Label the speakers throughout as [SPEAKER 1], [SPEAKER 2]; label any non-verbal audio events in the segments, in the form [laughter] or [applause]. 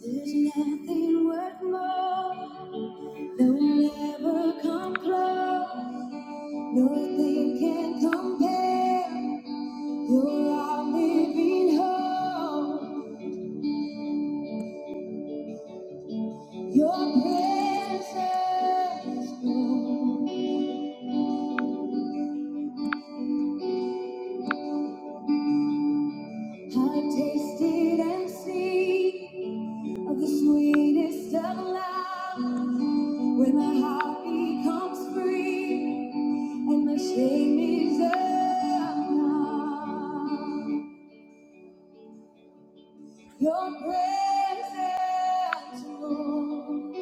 [SPEAKER 1] There's nothing worth more. No will ever come close. Nothing can compare. You're our living hope. Your presence, Lord. I've tasted and seen of the sweetest of love. When my heart becomes free and my shame is undone. Your presence, Lord.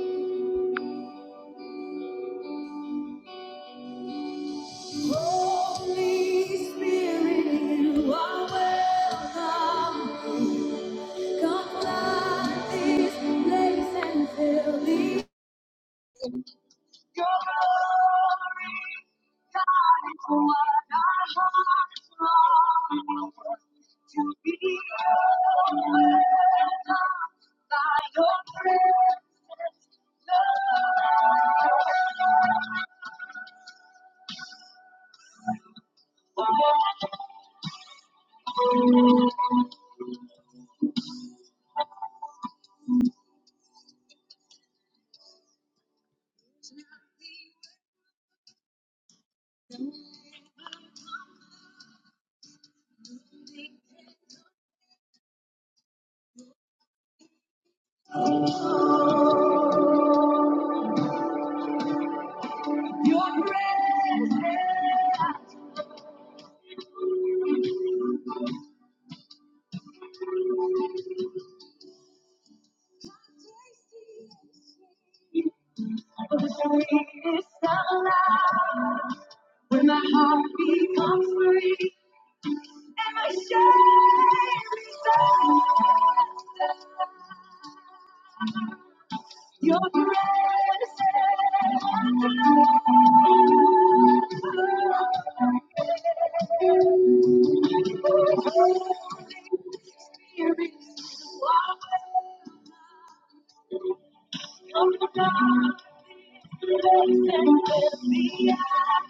[SPEAKER 1] Holy Spirit, you are welcome. Come flood this place and fill these the Your presence is the sweetest of love. When my heart becomes free, and my shame is your presence. Here is what I'm about. Praise and lift me up.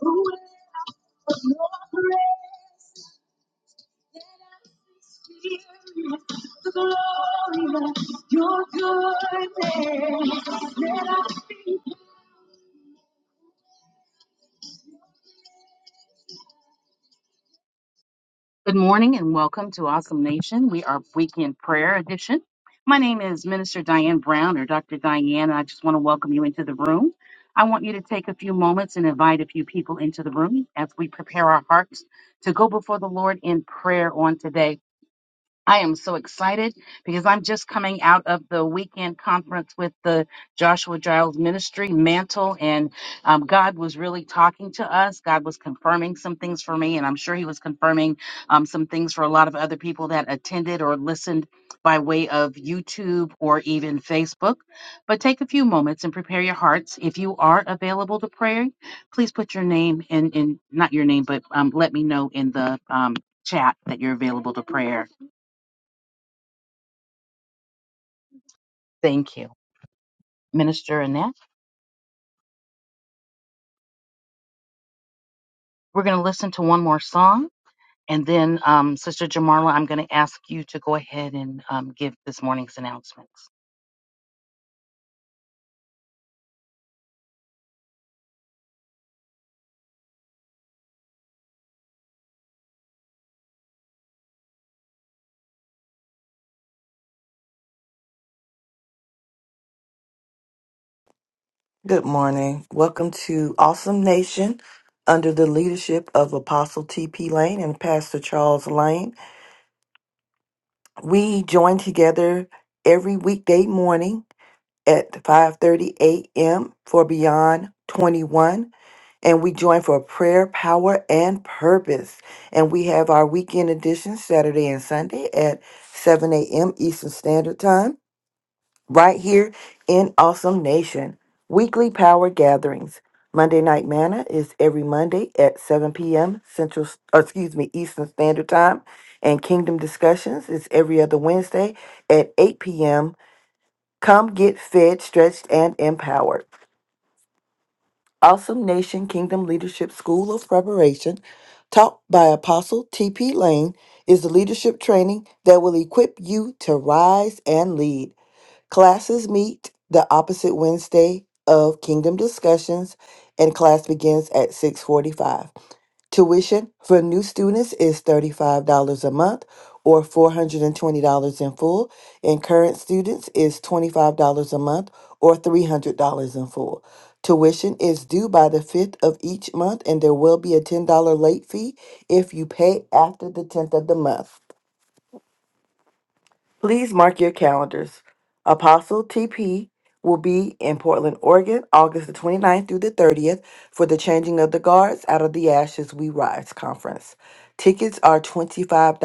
[SPEAKER 1] Who is your presence? Glory of your goodness. Let us be. Good morning and welcome to Awesome Nation. We are Weekend Prayer Edition. My name is Minister Diane Brown or Dr. Diane, and I just want to welcome you into the room. I want you to take a few moments and invite a few people into the room as we prepare our hearts to go before the Lord in prayer on today. I am so excited because I'm just coming out of the weekend conference with the Joshua Giles Ministry Mantle, and um, God was really talking to us. God was confirming some things for me, and I'm sure He was confirming um, some things for a lot of other people that attended or listened by way of YouTube or even Facebook. But take a few moments and prepare your hearts. If you are available to pray, please put your name in, in not your name, but um, let me know in the um, chat that you're available to prayer Thank you, Minister Annette. We're going to listen to one more song, and then, um, Sister Jamarla, I'm going to ask you to go ahead and um, give this morning's announcements.
[SPEAKER 2] Good morning. Welcome to Awesome Nation under the leadership of Apostle T.P. Lane and Pastor Charles Lane. We join together every weekday morning at 5:30 a.m. for Beyond 21 and we join for prayer, power and purpose. And we have our weekend edition Saturday and Sunday at 7 a.m. Eastern Standard Time right here in Awesome Nation. Weekly power gatherings. Monday Night Manna is every Monday at 7 p.m. Central, or excuse me, Eastern Standard Time. And Kingdom Discussions is every other Wednesday at 8 p.m. Come get fed, stretched, and empowered. Awesome Nation Kingdom Leadership School of Preparation, taught by Apostle T.P. Lane, is the leadership training that will equip you to rise and lead. Classes meet the opposite Wednesday of Kingdom Discussions and class begins at 6:45. Tuition for new students is $35 a month or $420 in full, and current students is $25 a month or $300 in full. Tuition is due by the 5th of each month and there will be a $10 late fee if you pay after the 10th of the month. Please mark your calendars. Apostle TP will be in Portland, Oregon, August the 29th through the 30th for the Changing of the Guards Out of the Ashes We Rise conference. Tickets are $25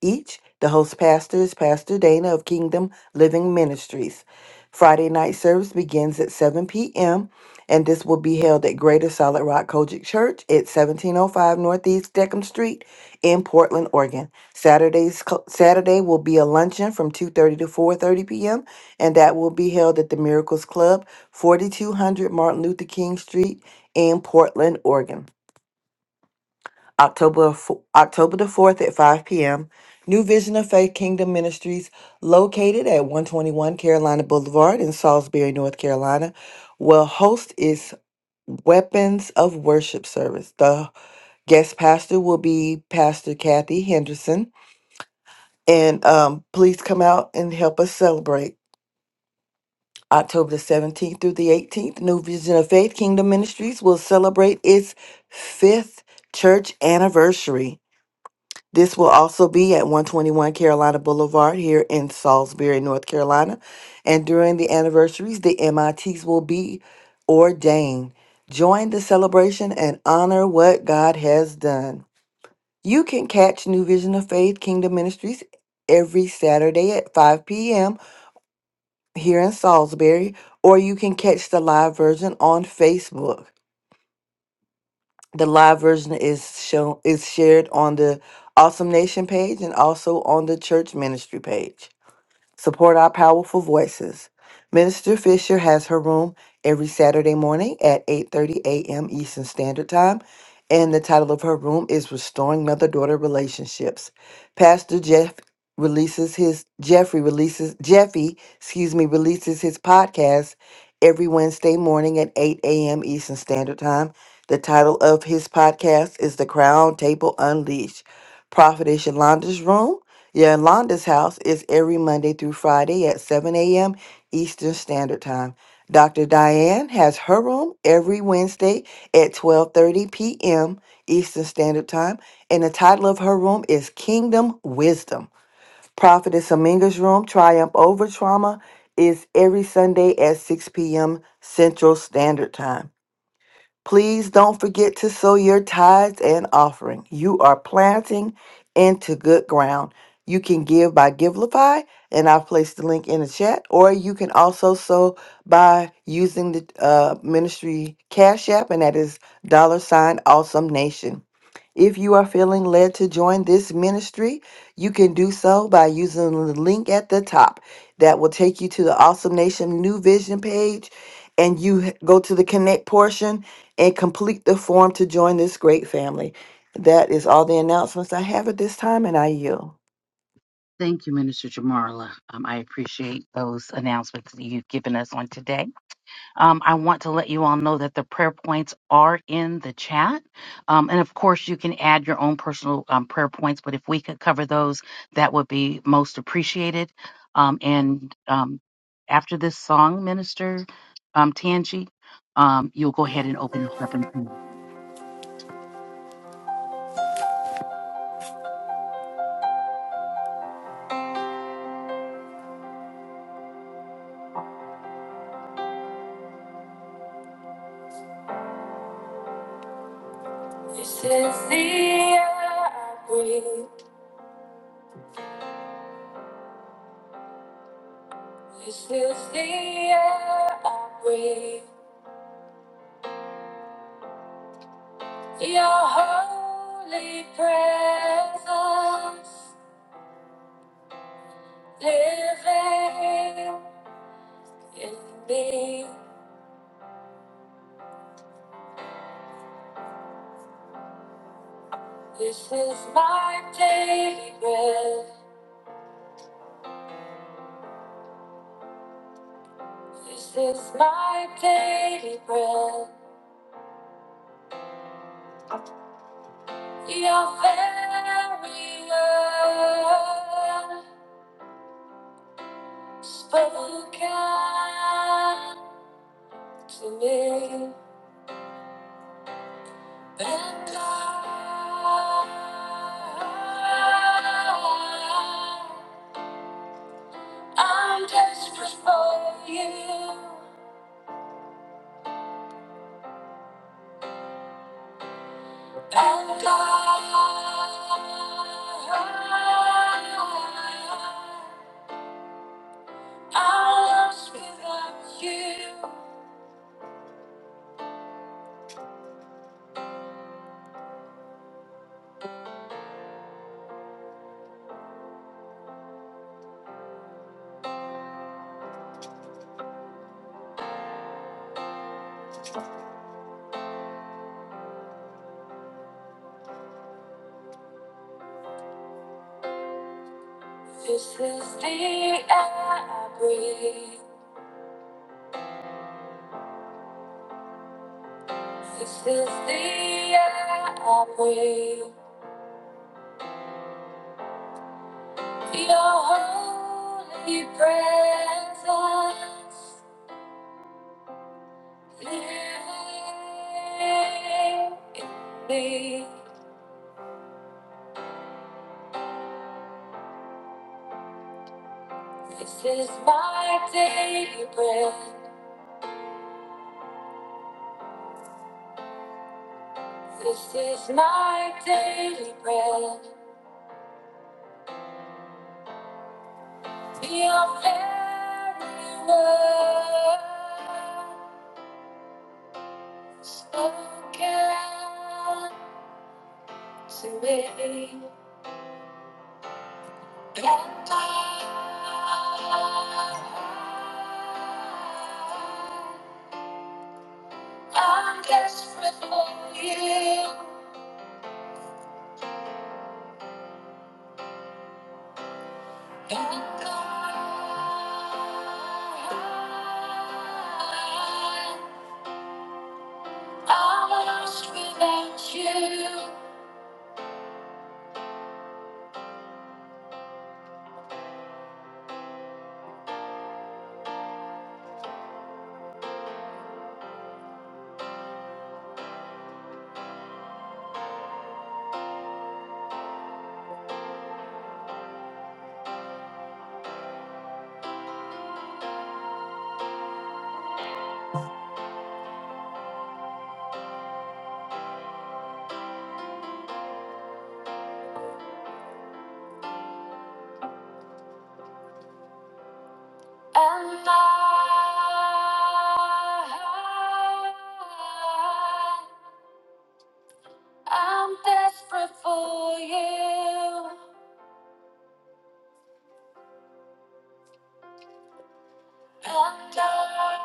[SPEAKER 2] each. The host pastor is Pastor Dana of Kingdom Living Ministries. Friday night service begins at 7 p.m. and this will be held at Greater Solid Rock Kojic Church at 1705 Northeast Deckham Street in Portland, Oregon. Saturday's co- Saturday will be a luncheon from 2:30 to 4:30 p.m. and that will be held at the Miracles Club, 4200 Martin Luther King Street in Portland, Oregon. October fo- October the 4th at 5 p.m. New Vision of Faith Kingdom Ministries, located at 121 Carolina Boulevard in Salisbury, North Carolina, will host its Weapons of Worship service. The guest pastor will be Pastor Kathy Henderson. And um, please come out and help us celebrate. October the 17th through the 18th, New Vision of Faith Kingdom Ministries will celebrate its fifth church anniversary. This will also be at 121 Carolina Boulevard here in Salisbury, North Carolina. And during the anniversaries, the MITs will be ordained. Join the celebration and honor what God has done. You can catch New Vision of Faith Kingdom Ministries every Saturday at 5 p.m here in Salisbury, or you can catch the live version on Facebook. The live version is shown is shared on the Awesome Nation page and also on the church ministry page. Support our powerful voices. Minister Fisher has her room every Saturday morning at 8:30 a.m. Eastern Standard Time, and the title of her room is Restoring Mother-Daughter Relationships. Pastor Jeff releases his Jeffrey releases Jeffy, excuse me, releases his podcast every Wednesday morning at 8 a.m. Eastern Standard Time. The title of his podcast is The Crown Table Unleashed. Prophetess Yolanda's room Yolanda's house is every Monday through Friday at 7 a.m. Eastern Standard Time. Dr. Diane has her room every Wednesday at 12:30 p.m. Eastern Standard Time, and the title of her room is Kingdom Wisdom. Prophetess Aminga's room, Triumph Over Trauma, is every Sunday at 6 p.m. Central Standard Time. Please don't forget to sow your tithes and offering. You are planting into good ground. You can give by Givelify, and I've placed the link in the chat, or you can also sow by using the uh, ministry cash app, and that is dollar sign awesome nation. If you are feeling led to join this ministry, you can do so by using the link at the top that will take you to the Awesome Nation New Vision page. And you h- go to the connect portion and complete the form to join this great family. That is all the announcements I have at this time, and I yield.
[SPEAKER 1] Thank you, Minister Jamarla. Um, I appreciate those announcements that you've given us on today. Um, I want to let you all know that the prayer points are in the chat. Um, and of course, you can add your own personal um, prayer points, but if we could cover those, that would be most appreciated. Um, and um, after this song, Minister um, Tangi, um, you'll go ahead and open this up and pray.
[SPEAKER 3] This is the air I breathe. This is the air I breathe. Your holy presence living in me. This is my daily bread. This is my daily bread. Your very word spoken to me. And I, I'm desperate for you. And I, I'm lost without you. This is the air I breathe. This is the air I breathe. Your holy presence. Hey, hey, This is my daily bread. This is my daily bread. Be your very word spoken to me. And I, I'm desperate for you. I'm lost without you, and I, I'm desperate for you, and I,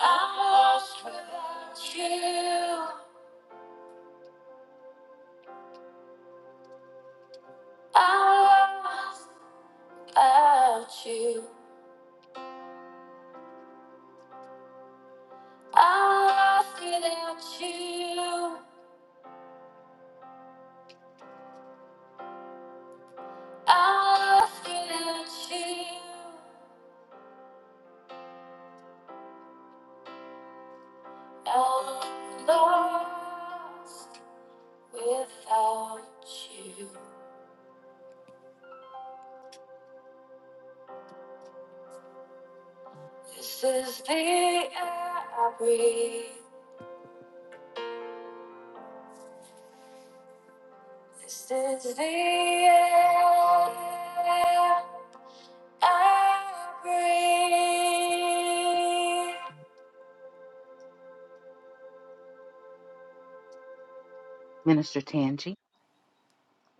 [SPEAKER 3] I'm lost without you. I'm lost without you. I'm lost without you. I'm lost without you. I'm lost without you. This is the air I breathe. This is the air I breathe.
[SPEAKER 1] Minister Tangi.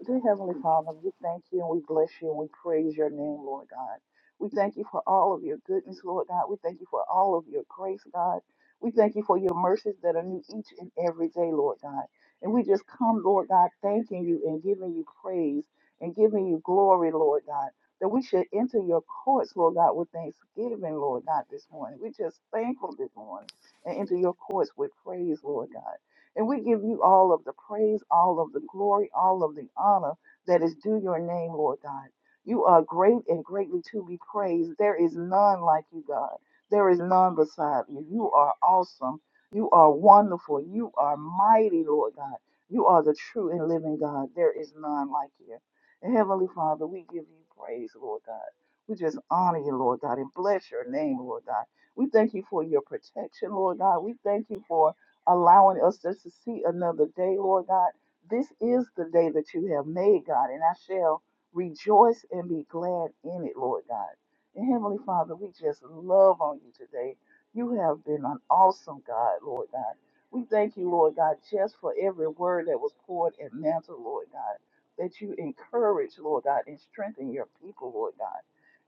[SPEAKER 4] Dear Heavenly Father, we thank you and we bless you and we praise your name, Lord God. We thank you for all of your goodness, Lord God. We thank you for all of your grace, God. We thank you for your mercies that are new each and every day, Lord God. And we just come, Lord God, thanking you and giving you praise and giving you glory, Lord God, that we should enter your courts, Lord God, with thanksgiving, Lord God, this morning. We're just thankful this morning and enter your courts with praise, Lord God. And we give you all of the praise, all of the glory, all of the honor that is due your name, Lord God. You are great and greatly to be praised. There is none like you, God. There is none beside you. You are awesome. You are wonderful. You are mighty, Lord God. You are the true and living God. There is none like you. And Heavenly Father, we give you praise, Lord God. We just honor you, Lord God, and bless your name, Lord God. We thank you for your protection, Lord God. We thank you for allowing us just to see another day, Lord God. This is the day that you have made, God, and I shall rejoice and be glad in it, Lord God. And Heavenly Father, we just love on you today. You have been an awesome God, Lord God. We thank you, Lord God, just for every word that was poured and mantled, Lord God, that you encourage, Lord God, and strengthen your people, Lord God.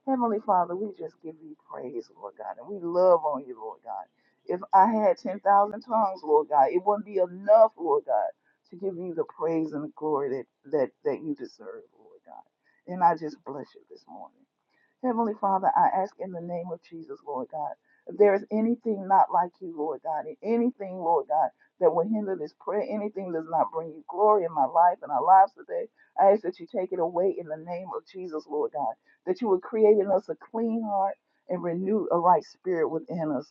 [SPEAKER 4] Heavenly Father, we just give you praise, Lord God, and we love on you, Lord God. If I had 10,000 tongues, Lord God, it wouldn't be enough, Lord God, to give you the praise and the glory that, that, that you deserve, Lord God. And I just bless you this morning. Heavenly Father, I ask in the name of Jesus, Lord God, if there is anything not like you, Lord God, and anything, Lord God, that will hinder this prayer, anything that does not bring you glory in my life and our lives today, I ask that you take it away in the name of Jesus, Lord God, that you would create in us a clean heart and renew a right spirit within us.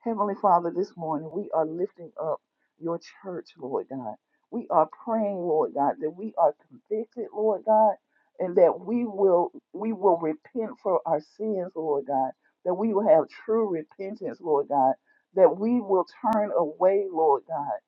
[SPEAKER 4] Heavenly Father, this morning we are lifting up your church, Lord God. We are praying, Lord God, that we are convicted, Lord God, and that we will we will repent for our sins, Lord God, that we will have true repentance, Lord God, that we will turn away, Lord God,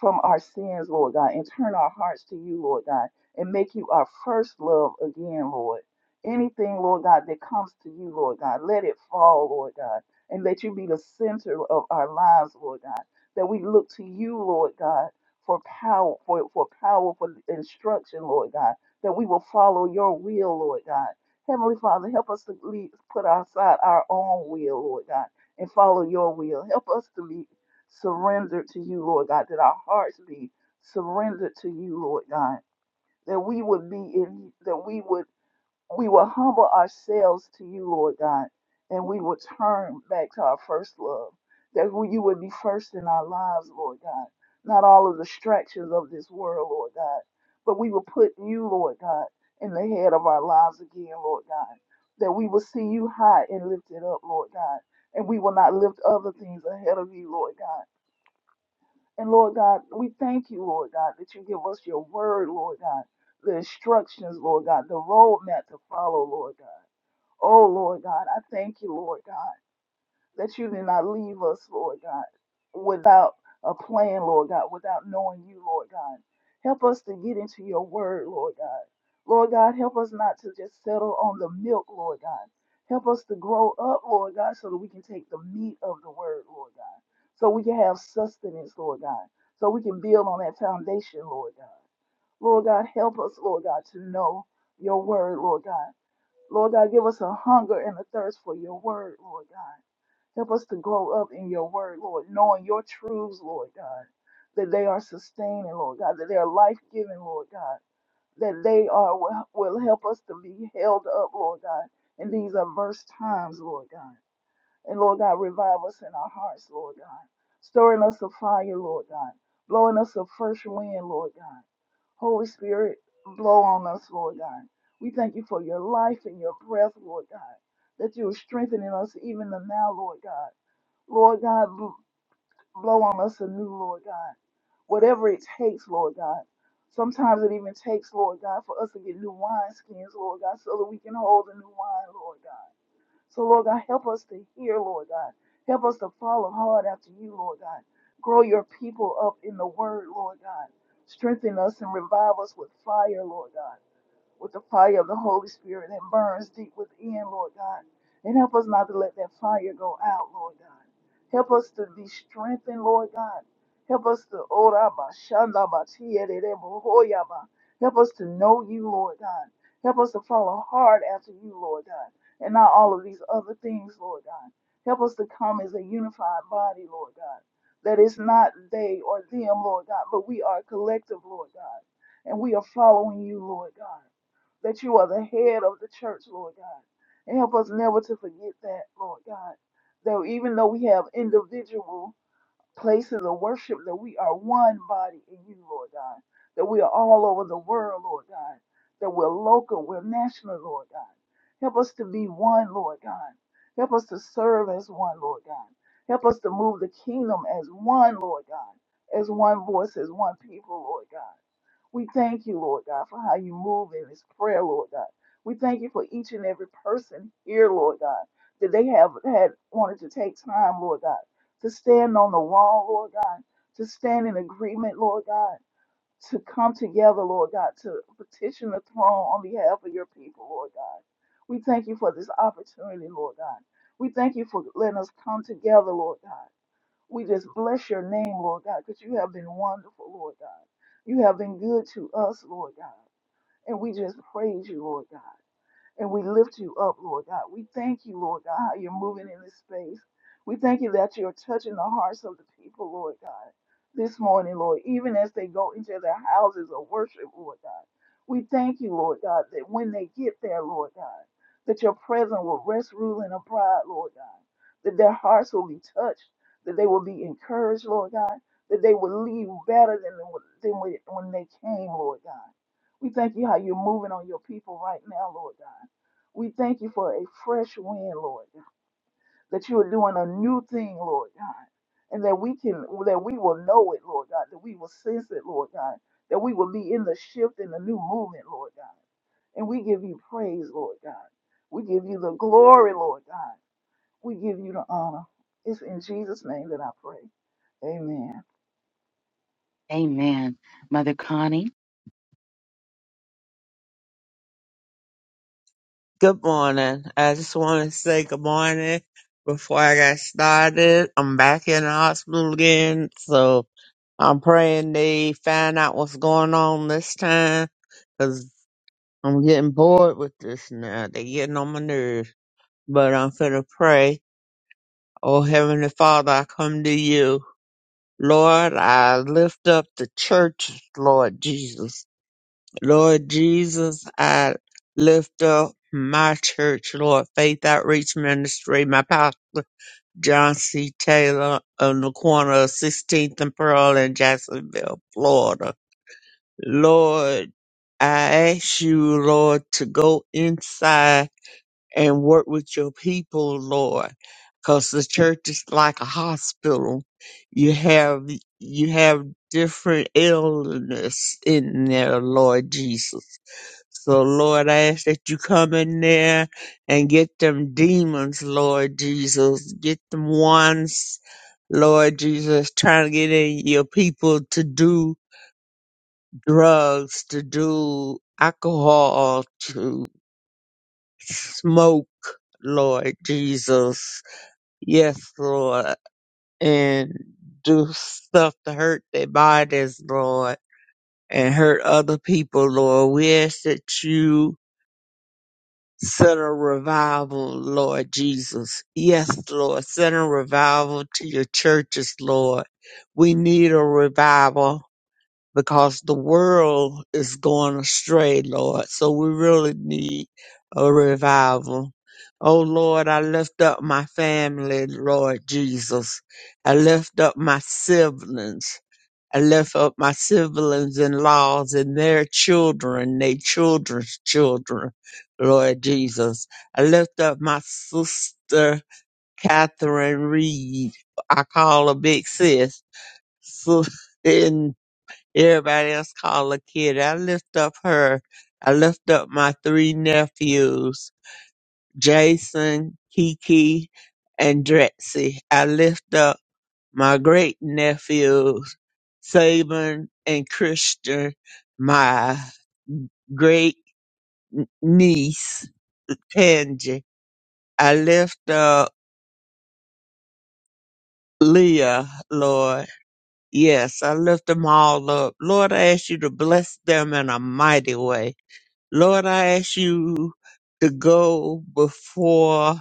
[SPEAKER 4] from our sins, Lord God, and turn our hearts to you, Lord God, and make you our first love again, Lord. Anything, Lord God, that comes to you, Lord God, let it fall, Lord God and let you be the center of our lives, Lord God. That we look to you, Lord God, for power, for, for powerful instruction, Lord God. That we will follow your will, Lord God. Heavenly Father, help us to lead, put aside our own will, Lord God, and follow your will. Help us to be surrendered to you, Lord God. That our hearts be surrendered to you, Lord God. That we would be in, that we would we will humble ourselves to you, Lord God, and we will turn back to our first love, that we- you would be first in our lives, Lord God, not all of the distractions of this world, Lord God, but we will put you, Lord God, in the head of our lives again, Lord God, that we will see you high and lifted up, Lord God, and we will not lift other things ahead of you, Lord God. And Lord God, we thank you, Lord God, that you give us your word, Lord God, the instructions, Lord God, the roadmap to follow, Lord God. Oh, Lord God, I thank you, Lord God, that you did not leave us, Lord God, without a plan, Lord God, without knowing you, Lord God. Help us to get into your word, Lord God. Lord God, help us not to just settle on the milk, Lord God. Help us to grow up, Lord God, so that we can take the meat of the word, Lord God. So we can have sustenance, Lord God. So we can build on that foundation, Lord God. Lord God, help us, Lord God, to know your word, Lord God. Lord God, give us a hunger and a thirst for your word, Lord God. Help us to grow up in your word, Lord, knowing your truths, Lord God, that they are sustaining, Lord God, that they are life giving, Lord God, that they are will will help us to be held up, Lord God, in these adverse times, Lord God. And Lord God, revive us in our hearts, Lord God, stirring us a fire, Lord God, blowing us a fresh wind, Lord God. Holy Spirit, blow on us, Lord God. We thank you for your life and your breath, Lord God, that you are strengthening us even the now, Lord God. Lord God, bl- blow on us anew, Lord God. Whatever it takes, Lord God. Sometimes it even takes, Lord God, for us to get new wine skins, Lord God, so that we can hold the new wine, Lord God. So, Lord God, help us to hear, Lord God. Help us to follow hard after you, Lord God. Grow your people up in the word, Lord God. Strengthen us and revive us with fire, Lord God with the fire of the Holy Spirit that burns deep within, Lord God. And help us not to let that fire go out, Lord God. Help us to be strengthened, Lord God. Help us to oraba, shandaba, tiyerebo, hoyaba. Help us to know you, Lord God. Help us to follow hard after you, Lord God, and not all of these other things, Lord God. Help us to come as a unified body, Lord God. That it's not they or them, Lord God, but we are collective, Lord God. And we are following you, Lord God that you are the head of the church, Lord God. And help us never to forget that, Lord God. That even though we have individual places of worship, that we are one body in you, Lord God. That we are all over the world, Lord God. That we're local, we're national, Lord God. Help us to be one, Lord God. Help us to serve as one, Lord God. Help us to move the kingdom as one, Lord God. As one voice, as one people, Lord God. We thank you, Lord God, for how you move in this prayer, Lord God. We thank you for each and every person here, Lord God, that they have had wanted to take time, Lord God, to stand on the wall, Lord God, to stand in agreement, Lord God, to come together, Lord God, to petition the throne on behalf of your people, Lord God. We thank you for this opportunity, Lord God. We thank you for letting us come together, Lord God. We just bless your name, Lord God, because you have been wonderful, Lord God. You have been good to us, Lord God. And we just praise you, Lord God. And we lift you up, Lord God. We thank you, Lord God, how you're moving in this space. We thank you that you're touching the hearts of the people, Lord God, this morning, Lord, even as they go into their houses of worship, Lord God. We thank you, Lord God, that when they get there, Lord God, that your presence will rest, rule, and abide, Lord God, that their hearts will be touched, that they will be encouraged, Lord God, that they will leave better than, than when when they came, Lord God. We thank you how you're moving on your people right now, Lord God. We thank you for a fresh wind, Lord, that you are doing a new thing, Lord God, and that we can, that we will know it, Lord God, that we will sense it, Lord God, that we will be in the shift and the new movement, Lord God. And we give you praise, Lord God. We give you the glory, Lord God. We give you the honor. It's in Jesus' name that I pray. Amen.
[SPEAKER 1] Amen. Mother Connie,
[SPEAKER 5] Good morning. I just want to say good morning before I got started. I'm back in the hospital again, so I'm praying they find out what's going on this time because I'm getting bored with this now. They're getting on my nerves. But I'm finna pray. Oh, Heavenly Father, I come to you. Lord, I lift up the churches, Lord Jesus. Lord Jesus, I lift up my church, Lord Faith Outreach Ministry, my pastor, John C. Taylor, on the corner of 16th and Pearl in Jacksonville, Florida. Lord, I ask you, Lord, to go inside and work with your people, Lord, because the church is like a hospital. You have you have different illness in there, Lord Jesus. So, Lord, I ask that you come in there and get them demons, Lord Jesus. Get them ones, Lord Jesus, trying to get in your people to do drugs, to do alcohol, to smoke, Lord Jesus. Yes, Lord. And do stuff to hurt their bodies, Lord, and hurt other people, Lord. We ask that you Send a revival, Lord Jesus. Yes, Lord. Send a revival to your churches, Lord. We need a revival because the world is going astray, Lord. So we really need a revival. Oh, Lord, I lift up my family, Lord Jesus. I lift up my siblings. I left up my siblings in laws and their children, their children's children, Lord Jesus. I left up my sister Catherine Reed. I call her Big Sis. So, and everybody else call her Kid. I lift up her. I lift up my three nephews, Jason, Kiki, and Drexy. I lift up my great nephew. Saban and Krista, my great niece, Tangi. I lift up Leah, Lord. Yes, I lift them all up. Lord, I ask you to bless them in a mighty way. Lord, I ask you to go before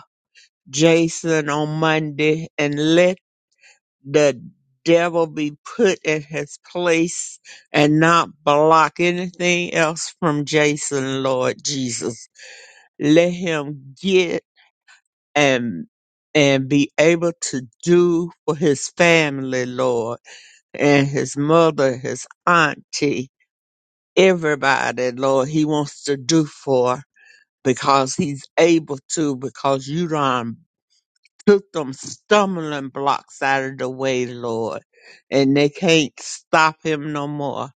[SPEAKER 5] Jason on Monday and let the devil be put in his place and not block anything else from Jason, Lord Jesus. let him get and and be able to do for his family, Lord, and his mother, his auntie, everybody, Lord, he wants to do for because he's able to, because you done took them stumbling blocks out of the way, Lord, and they can't stop him no more.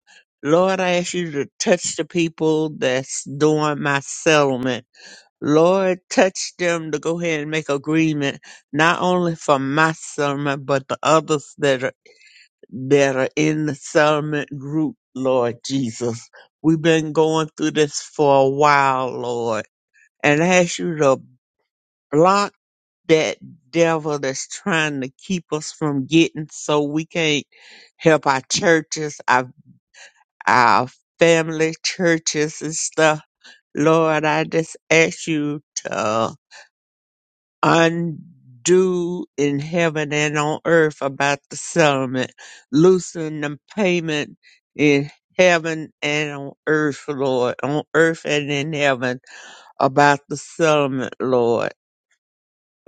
[SPEAKER 5] Lord, I ask you to touch the people that's doing my settlement Lord, touch them to go ahead and make agreement, not only for my sermon, but the others that are that are in the settlement group, Lord Jesus. We've been going through this for a while, Lord, and I ask you to block that devil that's trying to keep us from getting so we can't help our churches, our our family churches and stuff. Lord, I just ask you to undo in heaven and on earth about the settlement. Loosen the payment in heaven and on earth, Lord, on earth and in heaven about the settlement, Lord.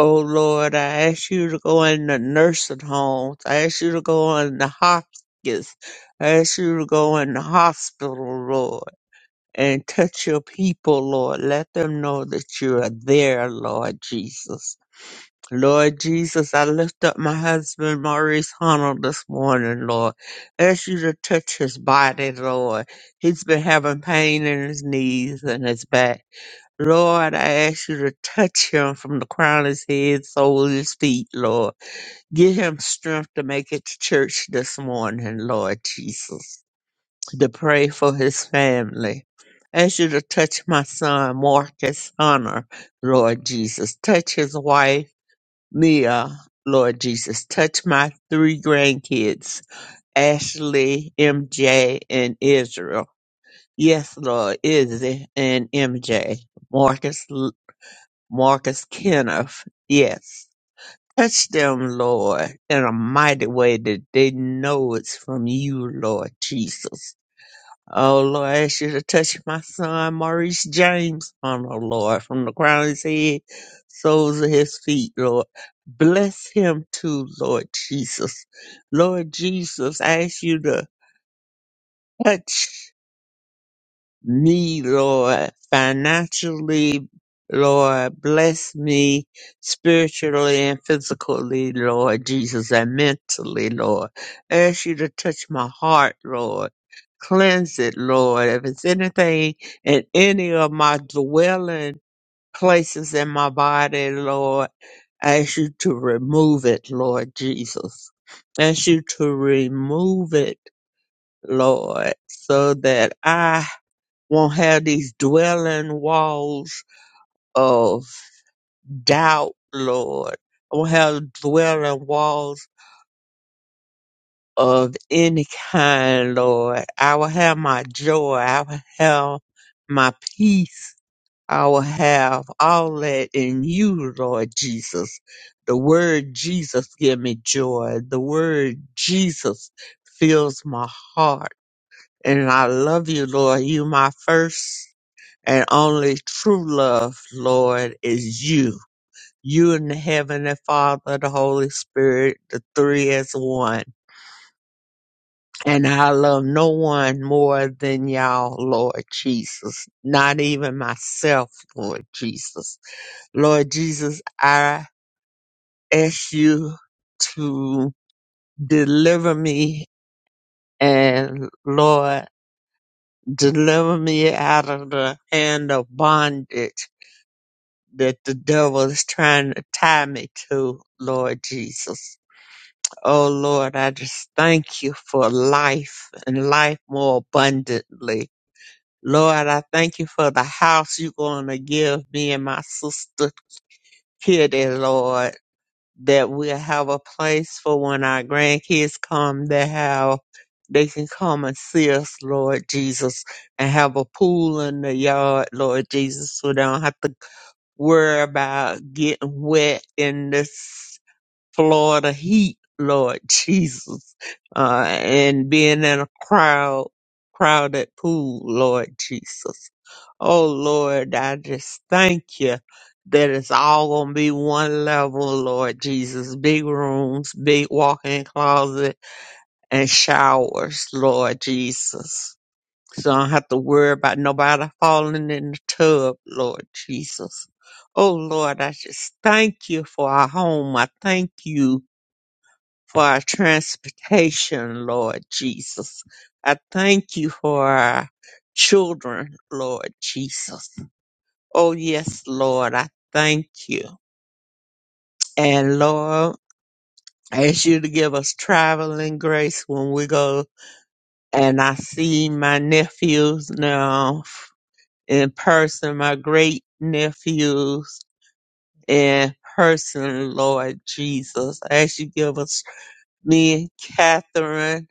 [SPEAKER 5] Oh Lord, I ask you to go in the nursing homes. I ask you to go in the hospice. I ask you to go in the hospital, Lord, and touch your people, Lord. Let them know that you are there, Lord Jesus. Lord Jesus, I lift up my husband Maurice Hunter this morning, Lord. Ask you to touch his body, Lord. He's been having pain in his knees and his back. Lord, I ask you to touch him from the crown of his head, sole of his feet, Lord. Give him strength to make it to church this morning, Lord Jesus. To pray for his family. Ask you to touch my son Marcus Hunter, Lord Jesus. Touch his wife. Mia, Lord Jesus, touch my three grandkids, Ashley, MJ, and Israel. Yes, Lord, Izzy and MJ, Marcus, Marcus Kenneth. Yes, touch them, Lord, in a mighty way that they know it's from you, Lord Jesus. Oh Lord, I ask you to touch my son Maurice James on oh no, Lord, from the crown of his head, soles of his feet, Lord. Bless him too, Lord Jesus. Lord Jesus, I ask you to touch me, Lord, financially, Lord, bless me spiritually and physically, Lord Jesus, and mentally, Lord. Ask you to touch my heart, Lord. Cleanse it, Lord. If it's anything in any of my dwelling places in my body, Lord, I ask you to remove it, Lord Jesus. Ask you to remove it, Lord, so that I won't have these dwelling walls of doubt, Lord. I won't have dwelling walls of any kind, Lord. I will have my joy. I will have my peace. I will have all that in you, Lord Jesus. The word Jesus give me joy. The word Jesus fills my heart. And I love you, Lord. You my first and only true love, Lord, is you. You and the Heavenly Father, the Holy Spirit, the three as one. And I love no one more than y'all, Lord Jesus. Not even myself, Lord Jesus. Lord Jesus, I ask you to deliver me and Lord, deliver me out of the hand of bondage that the devil is trying to tie me to, Lord Jesus. Oh Lord, I just thank you for life and life more abundantly. Lord, I thank you for the house you're going to give me and my sister Kitty, Lord, that we'll have a place for when our grandkids come They have, they can come and see us, Lord Jesus, and have a pool in the yard, Lord Jesus, so they don't have to worry about getting wet in this Florida heat, Lord [laughs] Jesus, uh, and being in a crowd, crowded pool, Lord Jesus. Oh Lord, I just thank you that it's all gonna be one level, Lord Jesus. Big rooms, big walk-in closet, and showers, Lord Jesus. So I don't have to worry about nobody falling in the tub, Lord Jesus. Oh Lord, I just thank you for our home. I thank you for our transportation, Lord Jesus. I thank you for our children, Lord Jesus. Oh yes, Lord, I thank you. And Lord, I ask you to give us traveling grace when we go. And I see my nephews now in person, my great nephews in person, Lord Jesus. I ask you give us me, Catherine,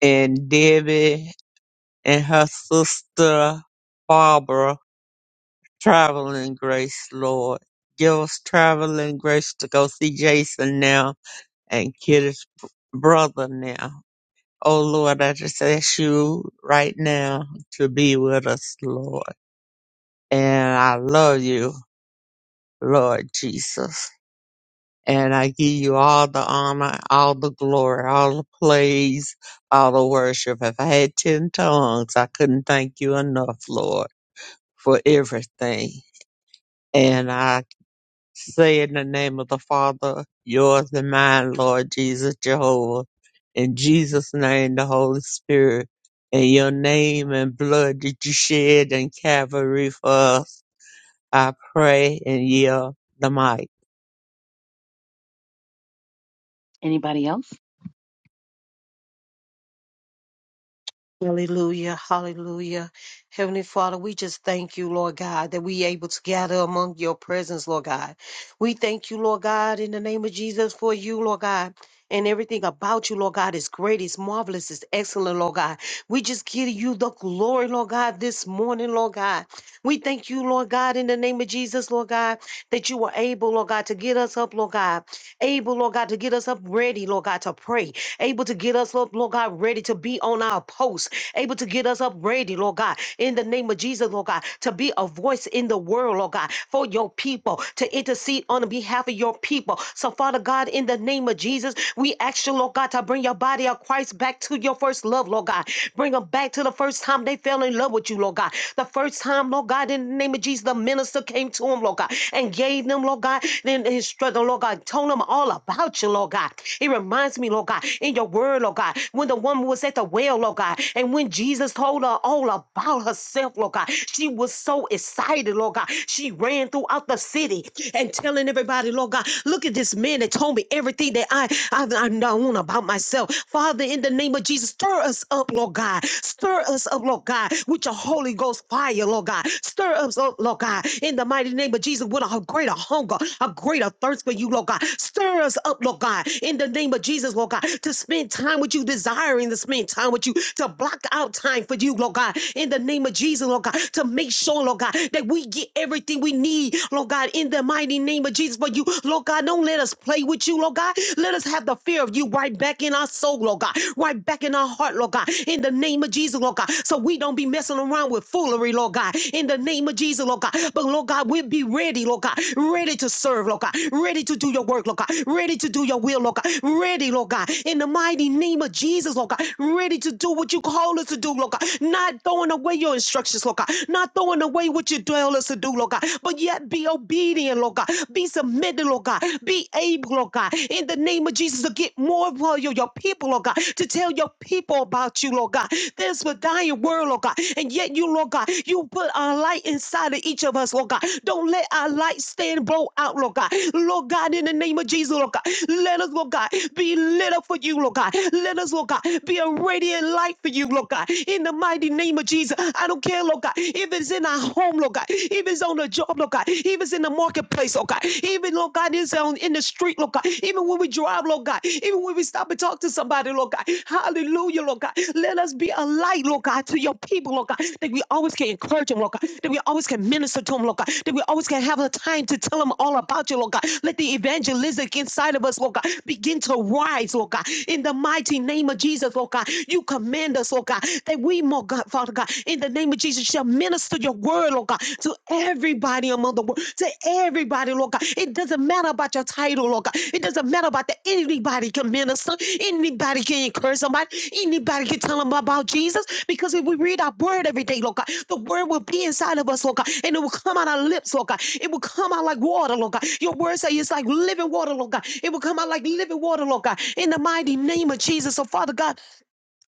[SPEAKER 5] and Debbie, and her sister, Barbara, traveling grace, Lord. Give us traveling grace to go see Jason now and Kitty's b- brother now. Oh Lord, I just ask you right now to be with us, Lord. And I love you, Lord Jesus. And I give you all the honor, all the glory, all the praise, all the worship. If I had 10 tongues, I couldn't thank you enough, Lord, for everything. And I say in the name of the Father, yours and mine, Lord Jesus Jehovah. In Jesus' name, the Holy Spirit. In your name and blood that you shed in Calvary for us, I pray and yield the mic.
[SPEAKER 1] anybody else?
[SPEAKER 6] Hallelujah, hallelujah. Heavenly Father, we just thank you, Lord God, that we able to gather among your presence, Lord God. We thank you, Lord God, in the name of Jesus for you, Lord God. And everything about you, Lord God, is great, is marvelous, is excellent, Lord God. We just give you the glory, Lord God, this morning, Lord God. We thank you, Lord God, in the name of Jesus, Lord God, that you were able, Lord God, to get us up, Lord God able, Lord God, to get us up ready, Lord God, to pray, able to get us up, Lord God, ready to be on our post, able to get us up ready, Lord God, in the name of Jesus, Lord God, to be a voice in the world, Lord God, for your people, to intercede on behalf of your people. So, Father God, in the name of Jesus, we ask you, Lord God, to bring your body of Christ back to your first love, Lord God. Bring them back to the first time they fell in love with you, Lord God. The first time, Lord God, in the name of Jesus, the minister came to to him, Lord God, and gave them, Lord God, then instructed, them, Lord God, told them all about you, Lord God. It reminds me, Lord God, in your word, Lord God, when the woman was at the well, Lord God, and when Jesus told her all about herself, Lord God, she was so excited, Lord God. She ran throughout the city and telling everybody, Lord God, look at this man that told me everything that I, I, I known about myself. Father, in the name of Jesus, stir us up, Lord God. Stir us up, Lord God, with with your Holy Ghost fire, Lord God. Stir us up, Lord God, in the mighty name of Jesus with a greater hunger, a greater thirst for you, Lord God. Stir us up, Lord God, in the name of Jesus, Lord God, to spend time with you, desiring to spend time with you, to block out time for you, Lord God, in the name of Jesus, Lord God, to make sure, Lord God, that we get everything we need, Lord God, in the mighty name of Jesus for you, Lord God. Don't let us play with you, Lord God. Let us have the fear of you right back in our soul, Lord God right back in our heart, Lord God, in the name of Jesus, Lord God. So we don't be messing around with foolery, Lord God, in the name of Jesus, Lord God. But Lord God, we'll be ready, Lord God, ready to serve, Lord God, ready to do your work, Lord God, ready to do your will, Lord God, ready, Lord God, in the mighty name of Jesus, Lord God, ready to do what you call us to do, Lord God, not throwing away your instructions, Lord God, not throwing away what you tell us to do, Lord God, but yet be obedient, Lord God, be submitted, Lord God, be able, Lord God oh God, in the name of Jesus, to get more of your, your people, oh God, to tell your people about you, Lord God. There's a dying world, oh God, and yet you, Lord God, you put our light inside of each of us, Lord God. Don't let our light stand blow out, Lord God. Lord God, in the name of Jesus, Lord God, let us, Lord God, be lit up for you, Lord God. Let us, Lord God, be a radiant light for you, Lord God. In the mighty name of Jesus, I don't care, Lord God, if it's in our home, Lord God, if it's on the job, Lord God, God. Even in the marketplace, oh God. Even, Lord God, is on in the street, Lord God. Even when we drive, Lord God. Even when we stop and talk to somebody, Lord God. Hallelujah, Lord God. Let us be a light, Lord God, to your people, Lord God. That we always can encourage them, Lord God. That we always can minister to them, Lord God. That we always can have a time to tell them all about you, Lord God. Let the evangelistic inside of us, Lord God, begin to rise, Lord God. In the mighty name of Jesus, Lord God, you command us, Lord God, that we, more God, Father God, in the name of Jesus, shall minister your word, Lord God, to everybody among the world, to everybody, Lord God. It doesn't matter about your title, Lord God. It doesn't matter about that anybody can minister, anybody can encourage somebody, anybody can tell them about Jesus, because if we read our word every day, Lord God, the word will be inside of us, Lord God, and it will come out our lips, Lord God. It will come out like water, Lord God. Your word say it's like living water, Lord God. It will come out like living water, Lord God. In the mighty name of Jesus, so Father God.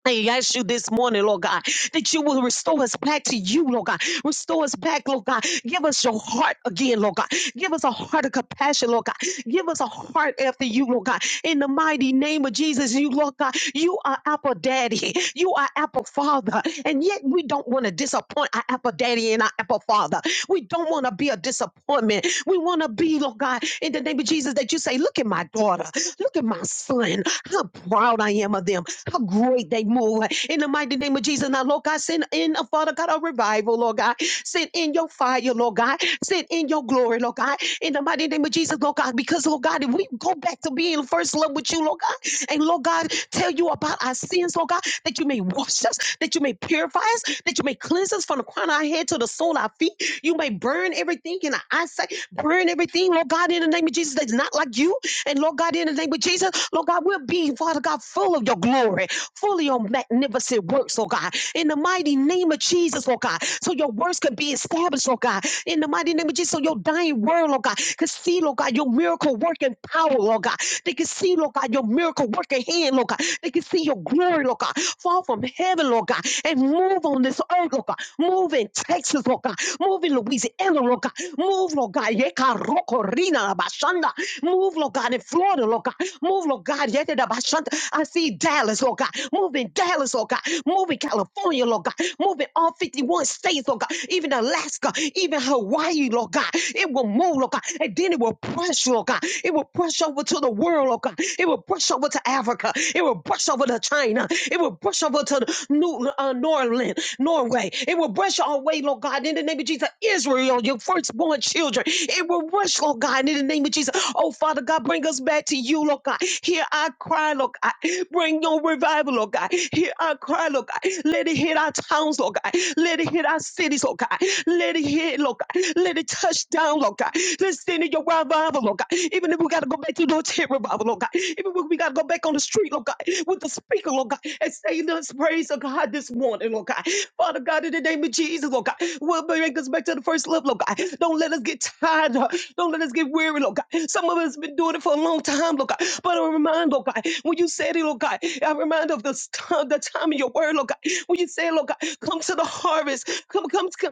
[SPEAKER 6] I ask you this morning, Lord God, that you will restore us back to you, Lord God. Restore us back, Lord God. Give us your heart again, Lord God. Give us a heart of compassion, Lord God. Give us a heart after you, Lord God. In the mighty name of Jesus, you, Lord God, you are Apple Daddy. You are Apple Father. And yet we don't want to disappoint our Apple Daddy and our Apple Father. We don't want to be a disappointment. We want to be, Lord God, in the name of Jesus, that you say, look at my daughter daughter. Look at my son. How proud I am of them. How great they move. In the mighty name of Jesus. Now, Lord God, send in a Father God a revival, Lord God. Send in your fire, Lord God. Send in your glory, Lord God. In the mighty name of Jesus, Lord God. Because, Lord God, if we go back to being first love with you, Lord God, and Lord God, tell you about our sins, Lord God, that you may wash us, that you may purify us, that you may cleanse us from the crown of our head to the sole of our feet. You may burn everything thinking. I say, burn everything, Lord God, in the name of Jesus, that's not like you. And Lord God, in the name of Jesus, Lord God, we'll be, Father God, full of your glory, full of your magnificent works, oh God, in the mighty name of Jesus, oh God, so your works can be established, oh God, in the mighty name of Jesus, so your dying word, oh God, can see, Lord God, your miracle working power, Lord God. They can see, Lord God, your miracle working hand, Lord God. They can see your glory, Lord God, fall from heaven, Lord God, and move move on this earth, Lord God. Move in Texas, Lord God. Move in Louisiana, Lord God. Move, Lord God. Yeka roko rina la bashanda. Move, Lord God, in Florida, Lord God. Move, Lord God. Yete da bashanda. I see Dallas, Lord God. Move in Dallas, Lord God. Move in California, Lord God. Move in all 51 states, Lord God. Even Alaska, even Hawaii, Lord God. It will move, Lord God. And then it will push, Lord God. It will push over to the world, Lord God. It will push over to Africa. America. It will brush over to China. It will brush over to New uh, Norland, Norway. It will brush our way, Lord God, in the name of Jesus. Israel, your firstborn children. It will rush, Lord God, in the name of Jesus. Oh, Father God, bring us back to you, Lord God. Hear our cry, Lord God. Bring your revival, Lord God. Hear our cry, Lord God. Let it hit our towns, Lord God. Let it hit our cities, Lord God. Let it hit, Lord God. Let it touch down, Lord God. Let's send it your revival, Lord God. Even if we got to go back to the tent revival, Lord God. Even if we got to go back on the street, Lord God, with the speaker, Lord God, and say this praise of God this morning, Lord God. Father God, in the name of Jesus, Lord God, will bring us back to the first love, Lord God. Don't let us get tired, Lord. don't let us get weary, Lord God. Some of us been doing it for a long time, Lord God. But I remind, Lord God, when you said it, Lord God, I remind of the, st- the time of your word, Lord God. When you said, Lord God, come to the harvest, come, come, come.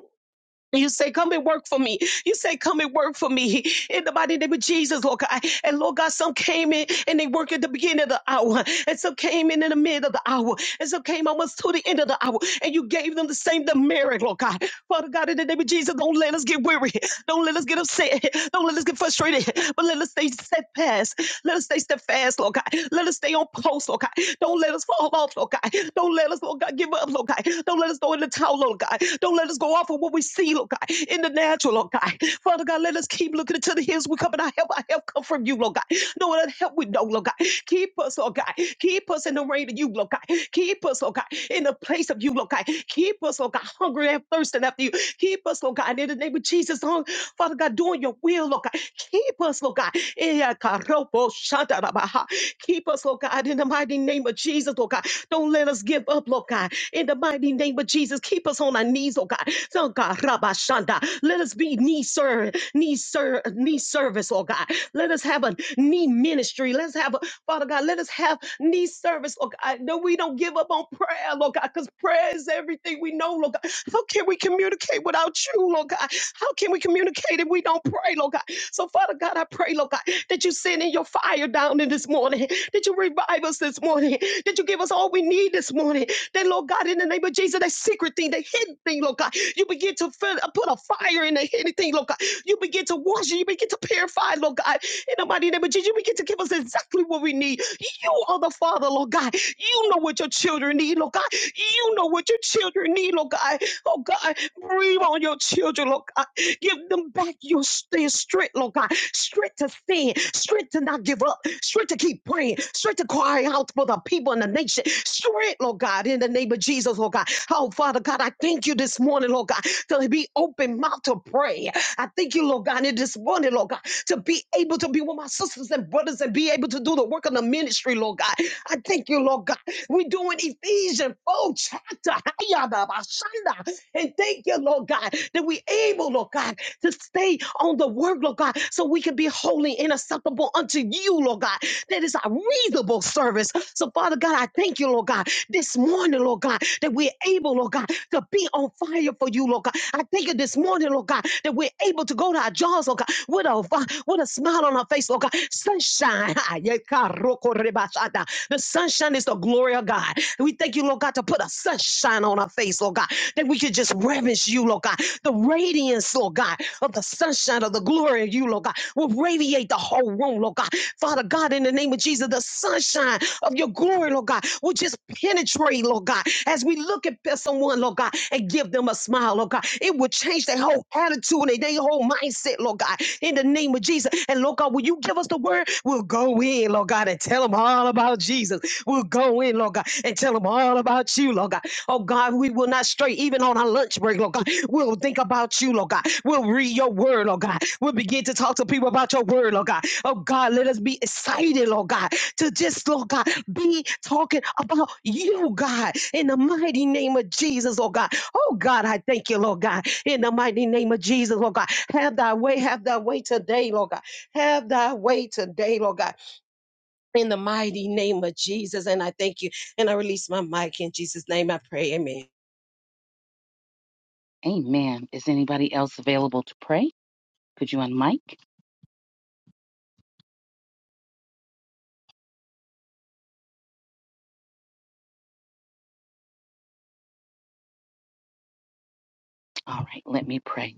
[SPEAKER 6] You say, come and work for me. You say, come and work for me. In the mighty name of Jesus, Lord God. And Lord God, some came in and they worked at the beginning of the hour. And some came in in the mid of the hour. And some came almost to the end of the hour. And you gave them the same demerit, Lord God. Father God, in the name of Jesus, don't let us get weary. Don't let us get upset. Don't let us get frustrated. But let us stay steadfast. Let us stay steadfast, Lord God. Let us stay on post, Lord God. Don't let us fall off, Lord God. Don't let us, Lord Lord God, give up, Lord God. Don't let us go in the towel, Lord God. Don't let us go off of what we see, Lord God, in the natural, Lord God. Father God, let us keep looking into the hills. We come and our help, our help come from you, Lord God. No other help we know, Lord God. Keep us, Lord God. Keep us in the rain of you, Lord God. Keep us, Lord God, in the place of you, Lord God. Keep us, Lord God, hungry and thirsting after you. Keep us, Lord God, in the name of Jesus, Lord, Father God, doing your will, Lord God. Keep us, Lord God. Eh, ah, karobo shantarabaha. Keep us, Lord God, in the mighty name of Jesus, Lord God. Don't let us give up, Lord God. In the mighty name of Jesus, keep us on our knees, Lord God. So God, Rabba Shanda, let us be knee serve, knee serve, knee service, Lord God. Let us have a knee ministry. Let's have a Father God. Let us have knee service, Lord God. No, we don't give up on prayer, Lord God, because prayer is everything we know, Lord God. How can we communicate without you, Lord God? How can we communicate if we don't pray, pray, Lord God. So, Father God, I pray, Lord God, that you send in your fire down in this morning, that you revive us this morning, that you give us all we need this morning. That, Lord God, in the name of Jesus, that secret thing, that hidden thing, Lord God, you begin to fill, put a fire in the hidden thing, Lord God. You begin to wash it, you begin to purify, Lord God. In the mighty name of Jesus, you begin to give us exactly what we need. You are the Father, Lord God. You know what your children need, Lord God. You know what your children need, Lord God oh God. Breathe on your children, Lord God. Give them back your their strength, Lord God. Strength to stand, strength to not give up, strength to keep praying, strength to cry out for the people in the nation. Strength, Lord God, in the name of Jesus, Lord God. Oh, Father God, I thank you this morning, Lord God, to be open mouth to pray. I thank you, Lord God, in this morning, Lord God, to be able to be with my sisters and brothers and be able to do the work of the ministry, Lord God. I thank you, Lord God. We're doing Ephesians 4 chapter. And thank you, Lord God, that we're able, Lord God, to stay on the word, Lord God, so we can be holy and acceptable unto you, Lord God. That is our reasonable service. So, Father God, I thank you, Lord God, this morning, Lord God, that we're able, Lord God, to be on fire for you, Lord God. I thank you this this morning, Lord God, that we're able to go to our jobs, Lord God, with a, uh, with a smile on our face, Lord God. Sunshine. [laughs] ah, yeah, The sunshine is the glory of God. We thank you, Lord God, to put a sunshine on our face, Lord God, that we could just reverence you, Lord God. The radiance, Lord God, of the sunshine of the glory of you, Lord God, will radiate the whole room, Lord God. Father God, in the name of Jesus, the sunshine of your glory, Lord God, will just penetrate, Lord God, as we look at someone, Lord God, and give them a smile, Lord God. It will change their whole attitude and their whole mindset, Lord God, in the name of Jesus. And Lord God, will you give us the word? We'll go in, Lord God, and tell them all about Jesus. We'll go in, Lord God, and tell them all about you, Lord God. Oh God, we will not stray even on our lunch break, Lord God. We'll think about you, Lord God. We'll read your word, Lord God. We'll begin to talk to people about your word, Lord God. Oh God, let us be excited, Lord God, to just, Lord God, be talking about you, God, in the mighty name of Jesus, oh God. Oh God, I thank you, Lord God, in the mighty name of Jesus, Lord God. Have thy way, have thy way today, Lord God. Have thy way today, Lord God, in the mighty name of Jesus. And I thank you. And I release my mic in Jesus' name. I pray. Amen.
[SPEAKER 1] Amen. Is anybody else available to pray? Could you unmic? All right, let me pray.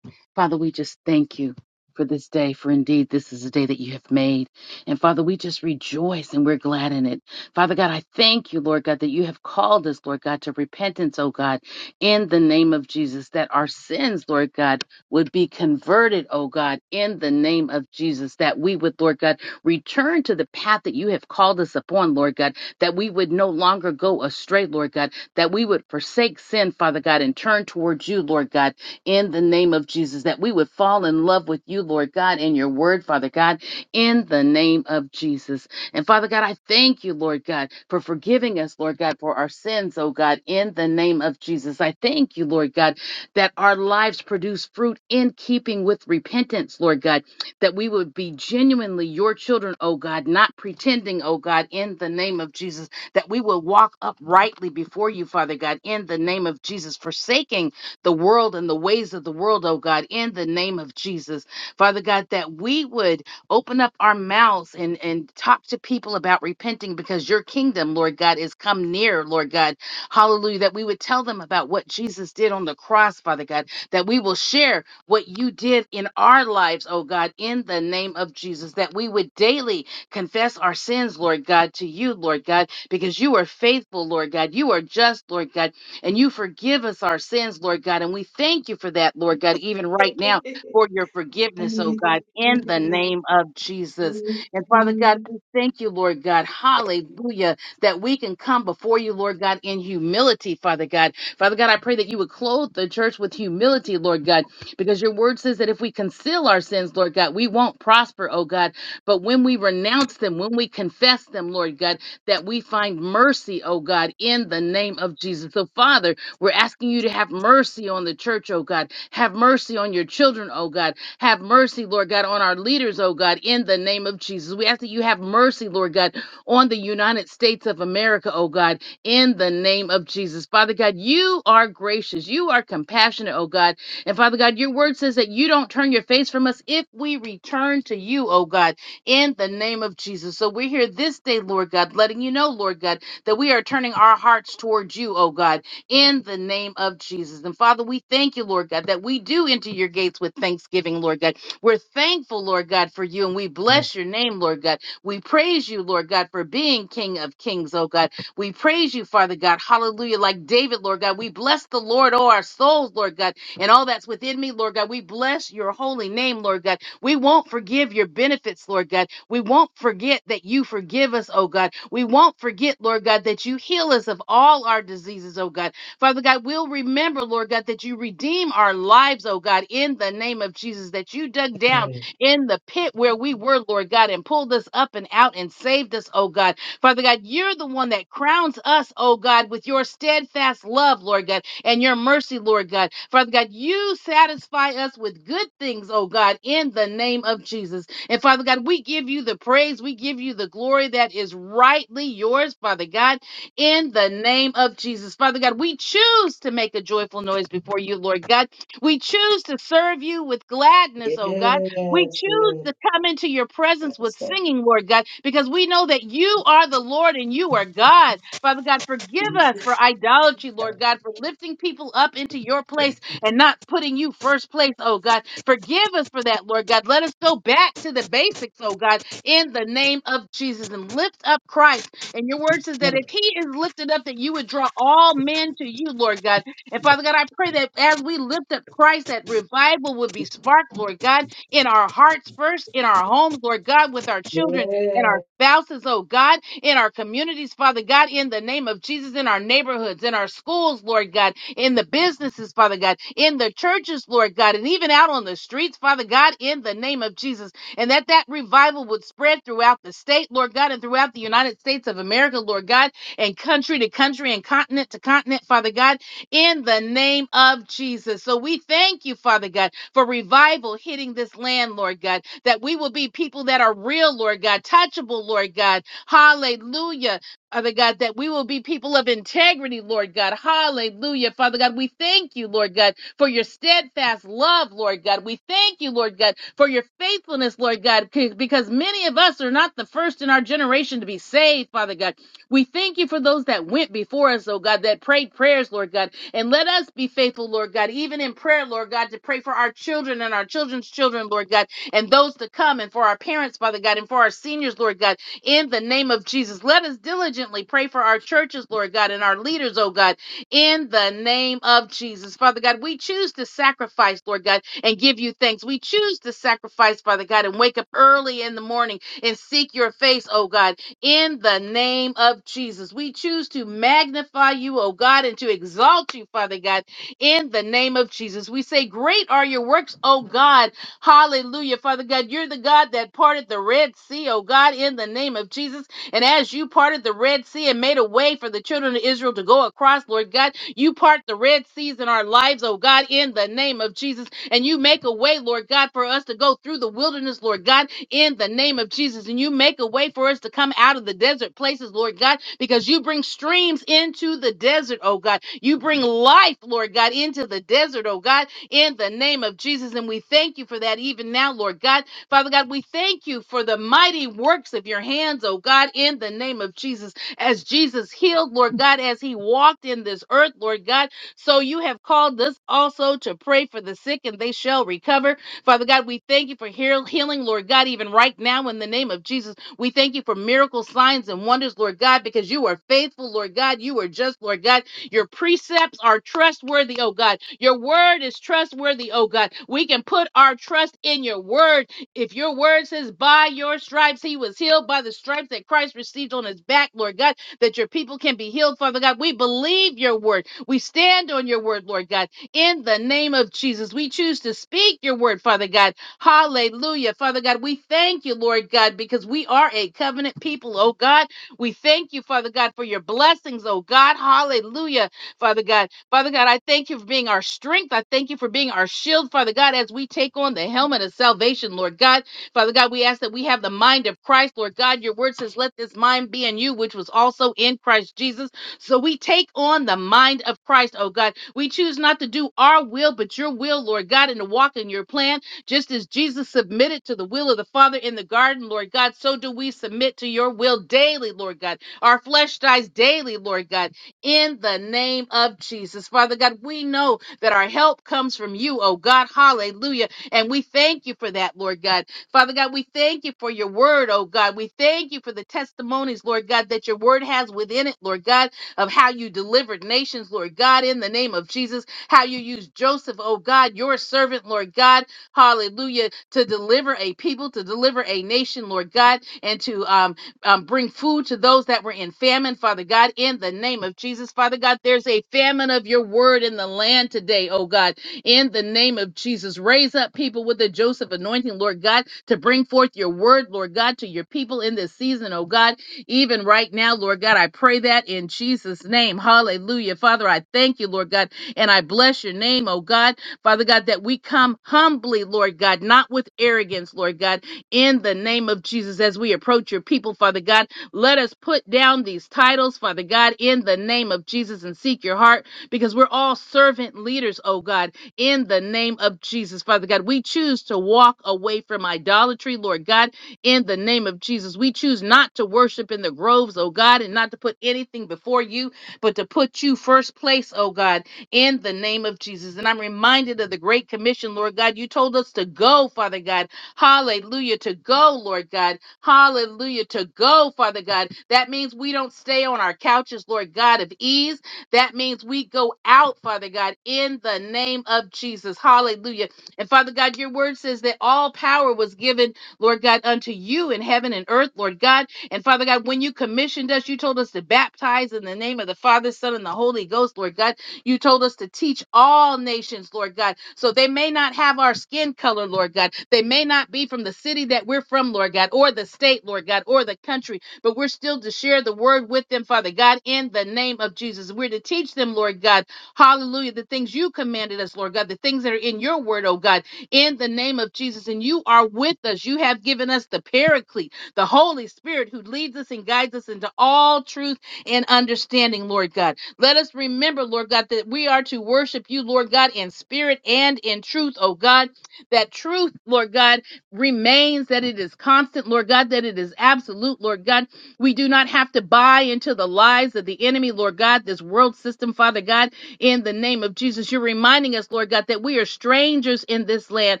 [SPEAKER 1] Father, we just thank you for this day, for indeed this is a day that you have made. And Father, we just rejoice and we're glad in it. Father God, I thank you, Lord God, that you have called us, Lord God, to repentance, oh God, in the name of Jesus, that our sins, Lord God, would be converted, oh God, in the name of Jesus, that we would, Lord God, return to the path that you have called us upon, Lord God, that we would no longer go astray, Lord God, that we would forsake sin, Father God, and turn towards you, Lord God, in the name of Jesus, that we would fall in love with you, Lord God, and your word, Father God, in the name of Jesus. And Father God, I thank you, Lord God, for forgiving us, Lord God, for our sins, oh God, in the name of Jesus. I thank you, Lord God, that our lives produce fruit in keeping with repentance, Lord God, that we would be genuinely your children, oh God, not pretending, oh God, in the name of Jesus, that we will walk uprightly before you, Father God, in the name of Jesus, forsaking the world and the ways of the world, oh God, in the name of Jesus. Father God, that we would open up our mouths and, and talk to people about repenting because your kingdom, Lord God, is come near, Lord God. Hallelujah. That we would tell them about what Jesus did on the cross, Father God, that we will share what you did in our lives, oh God, in the name of Jesus, that we would daily confess our sins, Lord God, to you, Lord God, because you are faithful, Lord God. You are just, Lord God and you forgive us our sins, Lord God. And we thank you for that, Lord God, even right now for
[SPEAKER 6] [laughs]
[SPEAKER 1] your forgiveness, oh God, in the name of Jesus. And Father God, we thank you, Lord God, hallelujah, that we can come before you, Lord God, in humility, Father God. Father God, I pray that you would clothe the church with humility, Lord God, because your word says that if we conceal our sins, Lord God, we won't prosper, oh God. But when we renounce them, when we confess them, Lord God, that we find mercy, oh God, in the name of Jesus. So, Father, we're asking you to have mercy on the church, oh God. Have mercy on your children, oh God. Have mercy, Lord God, on our leaders, oh God, in the name of Jesus. We ask that you have mercy, Lord God, on the United States of America, oh God, in the name of Jesus. Father God, you are gracious. You are compassionate, oh God. And Father God, your word says that you don't turn your face from us if we return to you, oh God in the name of Jesus. So we're here this day, Lord God, letting you know, Lord God, that we are turning our hearts towards you, oh God, in the name of Jesus. And Father, we thank you, Lord God, that we do enter your gates with thanksgiving, Lord God. We're thankful, Lord God, for you, and we bless your name, Lord God. We praise you, Lord God, for being King of Kings, oh God. We praise you, Father God. Hallelujah. Like David, Lord God, we bless the Lord, oh our souls, Lord God and all that's within me, Lord God. We bless your holy name, Lord God. We won't forgive your benefits, Lord God. We won't forget that you forgive us, oh God. We won't forget, Lord God, that you heal us of all our diseases, oh God. Father God, we'll remember, Lord God, that you redeem our lives, oh God, in the name of Jesus, that you dug down in the pit where we were, Lord God, and pulled us up and out and saved us, oh God. Father God, you're the one that crowns us, oh God, with your steadfast love, Lord God, and your mercy, Lord God. Father God, you satisfy us with good things, oh God, in the name of Jesus. And Father God, we give you the praise, we give you the glory that is rightly yours, Father God, in the name of Jesus. Father God, we choose to make a joyful noise before you, Lord God. We choose to serve you with gladness, oh God. We
[SPEAKER 6] Yes,
[SPEAKER 1] choose
[SPEAKER 6] Lord.
[SPEAKER 1] to come into your presence
[SPEAKER 6] Praise
[SPEAKER 1] with
[SPEAKER 6] God.
[SPEAKER 1] singing, Lord God, because we know that you are the Lord and you are God. Father God, forgive us for idolatry, Lord God, for lifting people up into your place and not putting you first place, oh God. Forgive us for that, Lord God. Let us go back to the basics, oh God, in the name of Jesus and lift up Christ. And your word says that if he is lifted up, that you would draw all men to you, Lord God. And Father God, I pray that as we lift up Christ, that revival would be sparked, Lord God in our hearts first, in our homes, Lord God, with our children and
[SPEAKER 6] Yeah.
[SPEAKER 1] our spouses, oh God, in our communities, Father God, in the name of Jesus, in our neighborhoods, in our schools, Lord God, in the businesses, Father God, in the churches, Lord God, and even out on the streets, Father God, in the name of Jesus. And that that revival would spread throughout the state, Lord God, and throughout the United States of America, Lord God, and country to country and continent to continent, Father God in the name of Jesus. So we thank you, Father God, for revival hitting this land, Lord God, that we will be people that are real, Lord God, touchable, Lord God. Hallelujah. Father God, that we will be people of integrity, Lord God. Hallelujah. Father God, we thank you, Lord God, for your steadfast love, Lord God. We thank you, Lord God, for your faithfulness, Lord God, c- because many of us are not the first in our generation to be saved, Father God. We thank you for those that went before us, oh God, that prayed prayers, Lord God. And let us be faithful, Lord God, even in prayer, Lord God, to pray for our children and our children's children, Lord God, and those to come, and for our parents, Father God, and for our seniors, Lord God, in the name of Jesus. Let us diligently pray for our churches, Lord God, and our leaders, oh God, in the name of Jesus. Father God, we choose to sacrifice, Lord God, and give you thanks. We choose to sacrifice, Father God, and wake up early in the morning and seek your face, oh God in the name of Jesus. We choose to magnify you, oh God, and to exalt you, Father God, in the name of Jesus. We say, Great are your works, oh God. Hallelujah, Father God. You're the God that parted the Red Sea, oh God, in the name of Jesus. And as you parted the Red Sea and made a way for the children of Israel to go across, Lord God, you part the Red Seas in our lives, oh God, in the name of Jesus. And you make a way, Lord God, for us to go through the wilderness, Lord God in the name of Jesus. And you make a way for us to come out of the desert places, Lord God, because you bring streams into the desert, oh God. You bring life, Lord God, into the desert, oh God, in the name of Jesus. And we thank you for that even now, Lord God. Father God, we thank you for the mighty works of your hands, oh God, in the name of Jesus. As Jesus healed, Lord God, as he walked in this earth, Lord God, so you have called us also to pray for the sick and they shall recover. Father God, we thank you for heal- healing, Lord God, even right now in the name of Jesus. We thank you for miracles, signs, and wonders, Lord God, because you are faithful, Lord God. You are just, Lord God. Your precepts are trustworthy, oh God. Your word is trustworthy, oh God. We can put our trust in your word. If your word says, by your stripes he was healed, by the stripes that Christ received on his back, Lord God, that your people can be healed, Father God. We believe your word. We stand on your word, Lord God in the name of Jesus. We choose to speak your word, Father God. Hallelujah. Father God, we thank you, Lord God, because we are a covenant people, oh God. We thank you, Father God, for your blessings, oh God. Hallelujah, Father God. Father God, I thank you for being our strength. I thank you for being our shield, Father God, as we take on the helmet of salvation, Lord God. Father God, we ask that we have the mind of Christ, Lord God. Your word says, let this mind be in you, which was also in Christ Jesus. So we take on the mind of Christ, oh God. We choose not to do our will, but your will, Lord God, and to walk in your plan. Just as Jesus submitted to the will of the Father in the garden, Lord God, so do we submit to your will daily, Lord God. Our flesh dies daily, Lord God, in the name of Jesus. Father God, we know that our help comes from you, oh God. Hallelujah. And we thank you for that, Lord God. Father God, we thank you for your word, oh God. We thank you for the testimonies, Lord God, that your word has within it, Lord God of how you delivered nations, Lord God, in the name of Jesus, how you used Joseph, oh God, your servant, Lord God, hallelujah, to deliver a people, to deliver a nation, Lord God, and to um, um, bring food to those that were in famine, Father God, in the name of Jesus, Father God, there's a famine of your word in the land today, oh God, in the name of Jesus. Raise up people with the Joseph anointing, Lord God, to bring forth your word, Lord God, to your people in this season, oh God, even right now, Lord God. I pray that in Jesus' name. Hallelujah. Father, I thank you, Lord God, and I bless your name, oh God. Father God, that we come humbly, Lord God, not with arrogance, Lord God, in the name of Jesus as we approach your people, Father God. Let us put down these titles, Father God, in the name of Jesus and seek your heart because we're all servant leaders, oh God, in the name of Jesus, Father God. We choose to walk away from idolatry, Lord God in the name of Jesus. We choose not to worship in the groves, oh God, and not to put anything before you, but to put you first place, oh God, in the name of Jesus. And I'm reminded of the Great Commission, Lord God. You told us to go, Father God. Hallelujah, to go, Lord God. Hallelujah, to go, Father God. That means we don't stay on our couches, Lord God, of ease. That means we go out, Father God, in the name of Jesus. Hallelujah. And Father God, your word says that all power was given Lord God, unto you in heaven and earth, Lord God. And Father God, when you commissioned us, you told us to baptize in the name of the Father, Son, and the Holy Ghost, Lord God. You told us to teach all nations, Lord God. So they may not have our skin color, Lord God. They may not be from the city that we're from, Lord God, or the state, Lord God, or the country, but we're still to share the word with them, Father God, in the name of Jesus. We're to teach them, Lord God, hallelujah, the things you commanded us, Lord God, the things that are in your word, oh God in the name of Jesus. And you are with us. You have given us the Paraclete, the Holy Spirit who leads us and guides us into all truth and understanding, Lord God. Let us remember, Lord God, that we are to worship you, Lord God, in spirit and in truth, oh God. That truth, Lord God, remains, that it is constant, Lord God, that it is absolute, Lord God. We do not have to buy into the lies of the enemy, Lord God, this world system, Father God in the name of Jesus. You're reminding us, Lord God, that we are strangers in this land,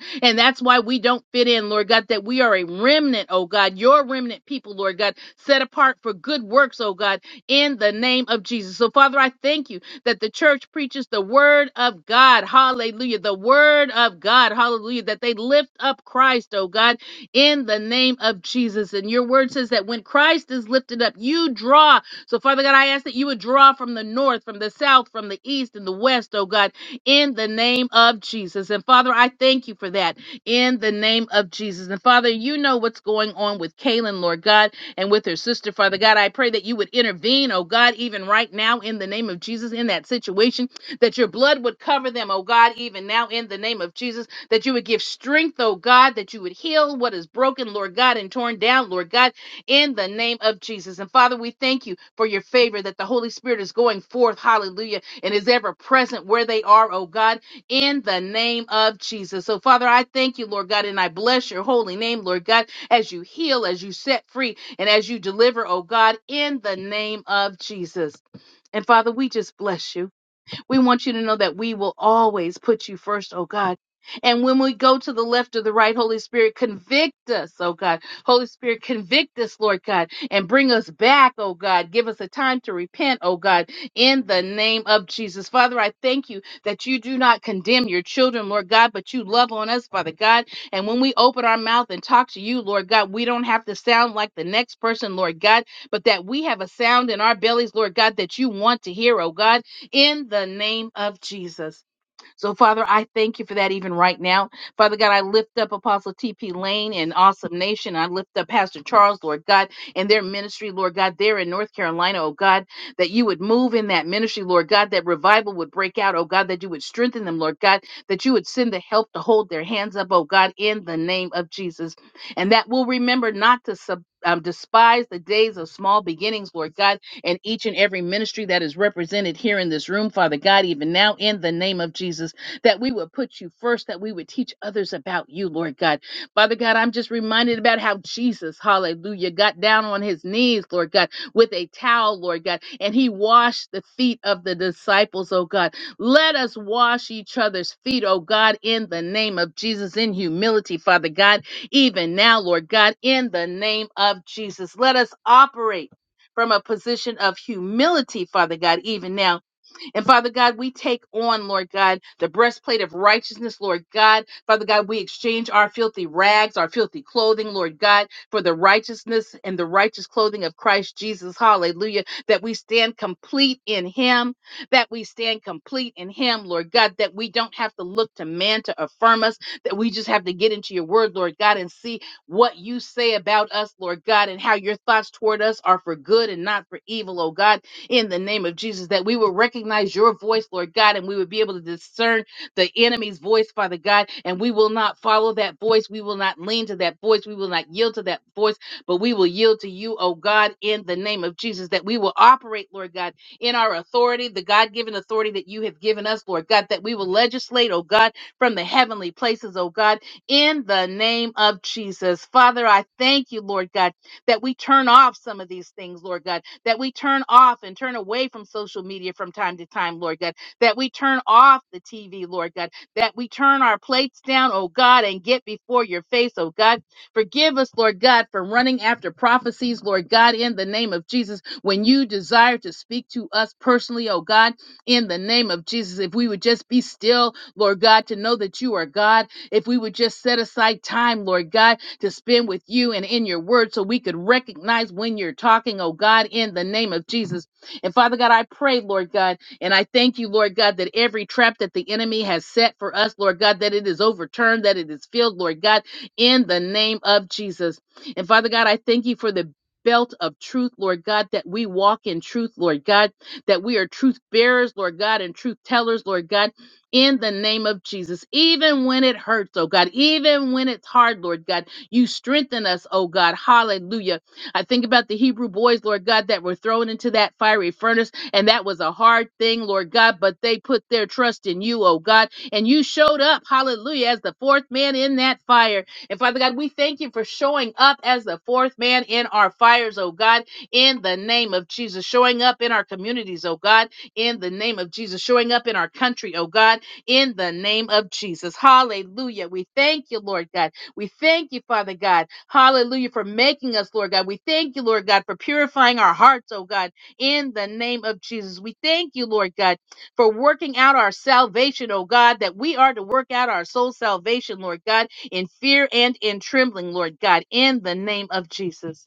[SPEAKER 1] and that's why we don't fit in, Lord God, that we are a remnant, oh God, your remnant people, Lord God, set apart for good works, oh God, in the name of Jesus. So, Father, I thank you that the church preaches the word of God, hallelujah, the word of God, hallelujah, that they lift up Christ, oh God, in the name of Jesus. And your word says that when Christ is lifted up, you draw so, Father God, I ask that you would draw from the north, from the south, from the east, and the west, oh God, in the name of Jesus. And Father, I thank you for that in the name of Jesus. And Father, you know what's going on with Kaylin, Lord God, and with her sister, Father God. I pray that you would intervene, oh God, even right now in the name of Jesus in that situation, that your blood would cover them, oh God, even now in the name of Jesus, that you would give strength, oh God, that you would heal what is broken, Lord God, and torn down, Lord God in the name of Jesus. And Father, we thank you for your favor that the Holy Spirit is going forth, hallelujah, and is ever present where they are, oh God, in the name of Jesus. So, Father, I thank you, Lord God, and I bless your holy name, Lord God, as you heal, as you set free, and as you deliver, oh God, in the name of Jesus. And Father, we just bless you. We want you to know that we will always put you first, oh God. And when we go to the left or the right, Holy Spirit, convict us, oh God. Holy Spirit, convict us, Lord God, and bring us back, oh God. Give us a time to repent, oh God, in the name of Jesus. Father, I thank you that you do not condemn your children, Lord God, but you love on us, Father God. And when we open our mouth and talk to you, Lord God, we don't have to sound like the next person, Lord God, but that we have a sound in our bellies, Lord God, that you want to hear, oh God in the name of Jesus. So, Father, I thank you for that even right now. Father God, I lift up Apostle T.P. Lane and Awesome Nation. I lift up Pastor Charles, Lord God, and their ministry, Lord God, there in North Carolina, oh God, that you would move in that ministry, Lord God, that revival would break out, oh God, that you would strengthen them, Lord God, that you would send the help to hold their hands up, oh God, in the name of Jesus. And that we'll remember not to sub. Um, despise the days of small beginnings, Lord God, and each and every ministry that is represented here in this room, Father God, even now in the name of Jesus, that we would put you first, that we would teach others about you, Lord God. Father God, I'm just reminded about how Jesus, hallelujah, got down on his knees, Lord God, with a towel, Lord God, and he washed the feet of the disciples, oh God. Let us wash each other's feet, oh God, in the name of Jesus, in humility, Father God, even now, Lord God, in the name of Jesus. Let us operate from a position of humility, Father God, even now and Father God, we take on, Lord God, the breastplate of righteousness, Lord God. Father God, we exchange our filthy rags, our filthy clothing, Lord God, for the righteousness and the righteous clothing of Christ Jesus. Hallelujah. That we stand complete in Him, that we stand complete in Him, Lord God, that we don't have to look to man to affirm us, that we just have to get into your word, Lord God, and see what you say about us, Lord God, and how your thoughts toward us are for good and not for evil, oh God in the name of Jesus, that we will recognize your voice, Lord God, and we would be able to discern the enemy's voice, Father God, and we will not follow that voice. We will not lean to that voice. We will not yield to that voice, but we will yield to you, oh God, in the name of Jesus, that we will operate, Lord God, in our authority, the God given authority that you have given us, Lord God, that we will legislate, oh God, from the heavenly places, oh God, in the name of Jesus. Father, I thank you, Lord God that we turn off some of these things, Lord God, that we turn off and turn away from social media from time to time, Lord God, that we turn off the TV, Lord God, that we turn our plates down, oh God, and get before your face, oh God. Forgive us, Lord God, for running after prophecies, Lord God, in the name of Jesus, when you desire to speak to us personally, oh God, in the name of Jesus. If we would just be still, Lord God, to know that you are God, if we would just set aside time, Lord God to spend with you and in your word so we could recognize when you're talking, oh God, in the name of Jesus. And Father God, I pray, Lord God, and I thank you, Lord God, that every trap that the enemy has set for us, Lord God, that it is overturned, that it is filled, Lord God, in the name of Jesus. And Father God, I thank you for the belt of truth, Lord God, that we walk in truth, Lord God, that we are truth bearers, Lord God, and truth tellers, Lord God, in the name of Jesus. Even when it hurts, oh God, even when it's hard, Lord God you strengthen us, oh God. Hallelujah. I think about the Hebrew boys, Lord God, that were thrown into that fiery furnace, and that was a hard thing, Lord God, but they put their trust in you, oh God, and you showed up, hallelujah, as the fourth man in that fire. And Father God, we thank you for showing up as the fourth man in our fires, oh God, in the name of Jesus, showing up in our communities, oh God, in the name of Jesus, showing up in our country, oh God, in the name of Jesus. Hallelujah. We thank you, Lord God. We thank you, Father God. Hallelujah, for making us, Lord God. We thank you, Lord God, for purifying our hearts, oh God, in the name of Jesus. We thank you, Lord God, for working out our salvation, oh God, that we are to work out our soul salvation, Lord God, in fear and in trembling, Lord God, in the name of Jesus.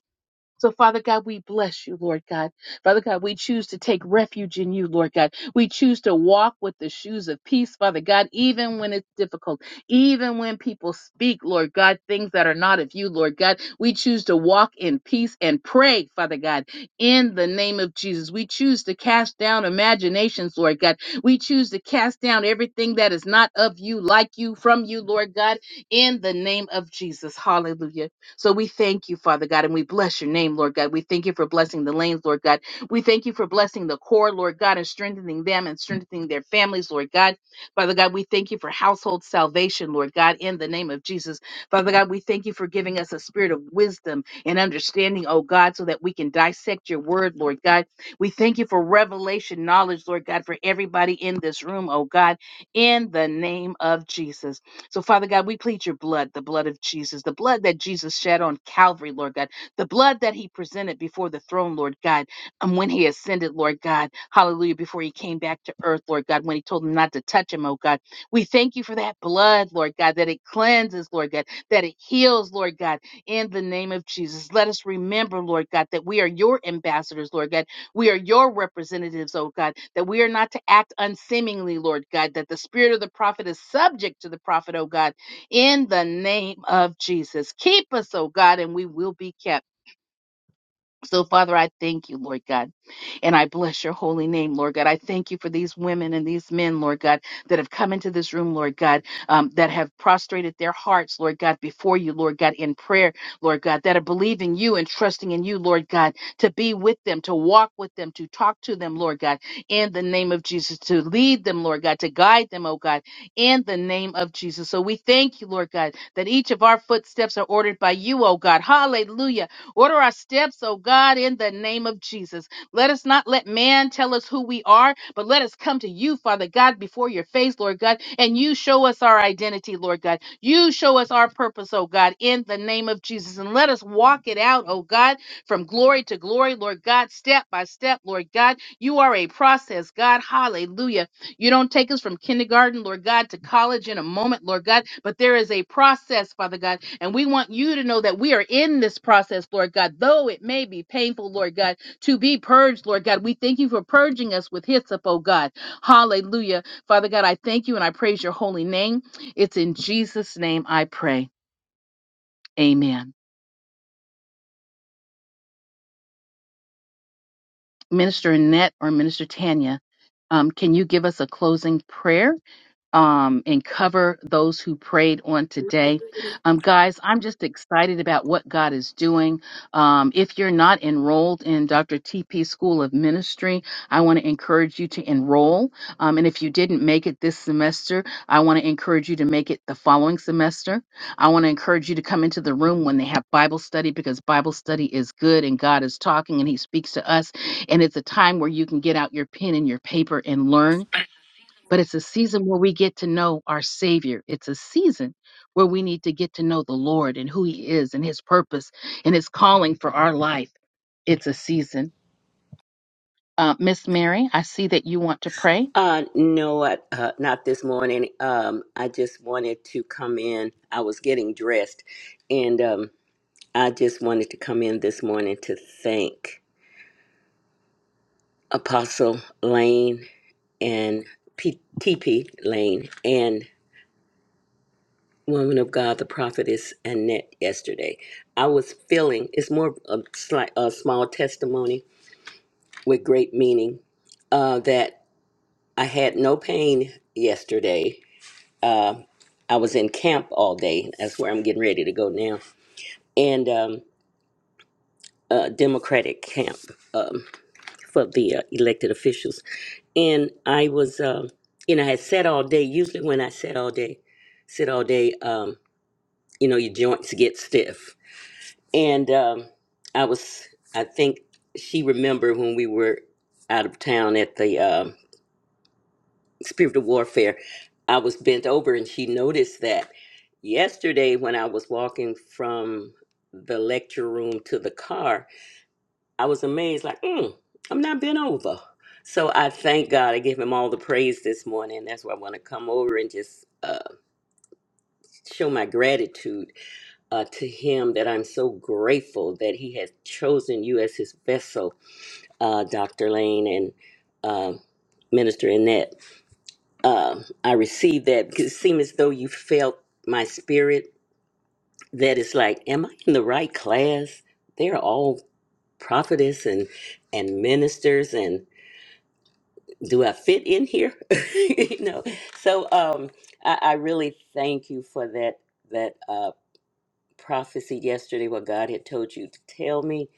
[SPEAKER 1] So, Father God, we bless you, Lord God. Father God, we choose to take refuge in you, Lord God. We choose to walk with the shoes of peace, Father God, even when it's difficult, even when people speak, Lord God, things that are not of you, Lord God. We choose to walk in peace and pray, Father God, in the name of Jesus. We choose to cast down imaginations, Lord God. We choose to cast down everything that is not of you, like you, from you, Lord God, in the name of Jesus. Hallelujah. So we thank you, Father God, and we bless your name, Lord God. We thank you for blessing the lanes, Lord God. We thank you for blessing the core, Lord God, and strengthening them and strengthening their families, Lord God. Father God, we thank you for household salvation, Lord God, in the name of Jesus. Father God, we thank you for giving us a spirit of wisdom and understanding, oh God, so that we can dissect your word, Lord God. We thank you for revelation knowledge, Lord God, for everybody in this room, oh God, in the name of Jesus. So, Father God, we plead your blood, the blood of Jesus, the blood that Jesus shed on Calvary, Lord God, the blood that he presented before the throne, Lord God, and when he ascended, Lord God, hallelujah, before he came back to earth, Lord God, when he told them not to touch him, oh God. We thank you for that blood, Lord God, that it cleanses, Lord God, that it heals, Lord God, in the name of Jesus. Let us remember, Lord God, that we are your ambassadors, Lord God we are your representatives, oh God, that we are not to act unseemingly, Lord God, that the spirit of the prophet is subject to the prophet, oh God, in the name of Jesus. Keep us, oh God, and we will be kept. So, Father, I thank you, Lord God. And I bless your holy name, Lord God. I thank you for these women and these men, Lord God, that have come into this room, Lord God, um, that have prostrated their hearts, Lord God, before you, Lord God, in prayer, Lord God, that are believing you and trusting in you, Lord God, to be with them, to walk with them, to talk to them, Lord God, in the name of Jesus, to lead them, Lord God, to guide them, oh God, in the name of Jesus. So we thank you, Lord God, that each of our footsteps are ordered by you, oh God. Hallelujah. Order our steps, oh God, in the name of Jesus. Let us not let man tell us who we are, but let us come to you, Father God, before your face, Lord God, and you show us our identity, Lord God. You show us our purpose, oh God, in the name of Jesus. And let us walk it out, oh God, from glory to glory, Lord God, step by step, Lord God. You are a process, God. Hallelujah. You don't take us from kindergarten, Lord God, to college in a moment, Lord God, but there is a process, Father God. And we want you to know that we are in this process, Lord God, though it may be painful, Lord God to be purged, Lord God. We thank you for purging us with hyssop, oh God. Hallelujah. Father God, I thank you and I praise your holy name. It's in Jesus' name I pray. Amen. Minister Annette or Minister Tanya, um, can you give us a closing prayer? um, and cover those who prayed on today. Um, guys, I'm just excited about what God is doing. Um, if you're not enrolled in Dr. TP School of Ministry, I want to encourage you to enroll. Um, and if you didn't make it this semester, I want to encourage you to make it the following semester. I want to encourage you to come into the room when they have Bible study because Bible study is good and God is talking and He speaks to us. And it's a time where you can get out your pen and your paper and learn but it's a season where we get to know our Savior. It's a season where we need to get to know the Lord and who He is and His purpose and His calling for our life. It's a season. Uh, Miss Mary, I see that you want to pray.
[SPEAKER 7] Uh, no, I, uh, not this morning. Um, I just wanted to come in. I was getting dressed, and um, I just wanted to come in this morning to thank Apostle Lane and P- TP Lane and Woman of God, the prophetess Annette. Yesterday, I was feeling it's more of a, slight, a small testimony with great meaning uh, that I had no pain yesterday uh, I was in camp all day. That's where I'm getting ready to go now. And um, uh, Democratic camp um, for the uh, elected officials. And I was, um, you know, I had sat all day. Usually when I sat all day, sit all day, um, you know, your joints get stiff. And um, I was, I think she remembered when we were out of town at the um, spiritual warfare. I was bent over and she noticed that yesterday when I was walking from the lecture room to the car, I was amazed, like, mm, I'm not bent over. So I thank God. I give him all the praise this morning. That's why I want to come over and just uh, show my gratitude uh, to him that I'm so grateful that he has chosen you as his vessel, uh, Dr. Lane and um Minister Annette. um, I received that because it seemed as though you felt my spirit that it's like, am I in the right class? They're all prophetess and and ministers and do I fit in here? [laughs] you know. So um I, I really thank you for that that uh prophecy yesterday what God had told you to tell me.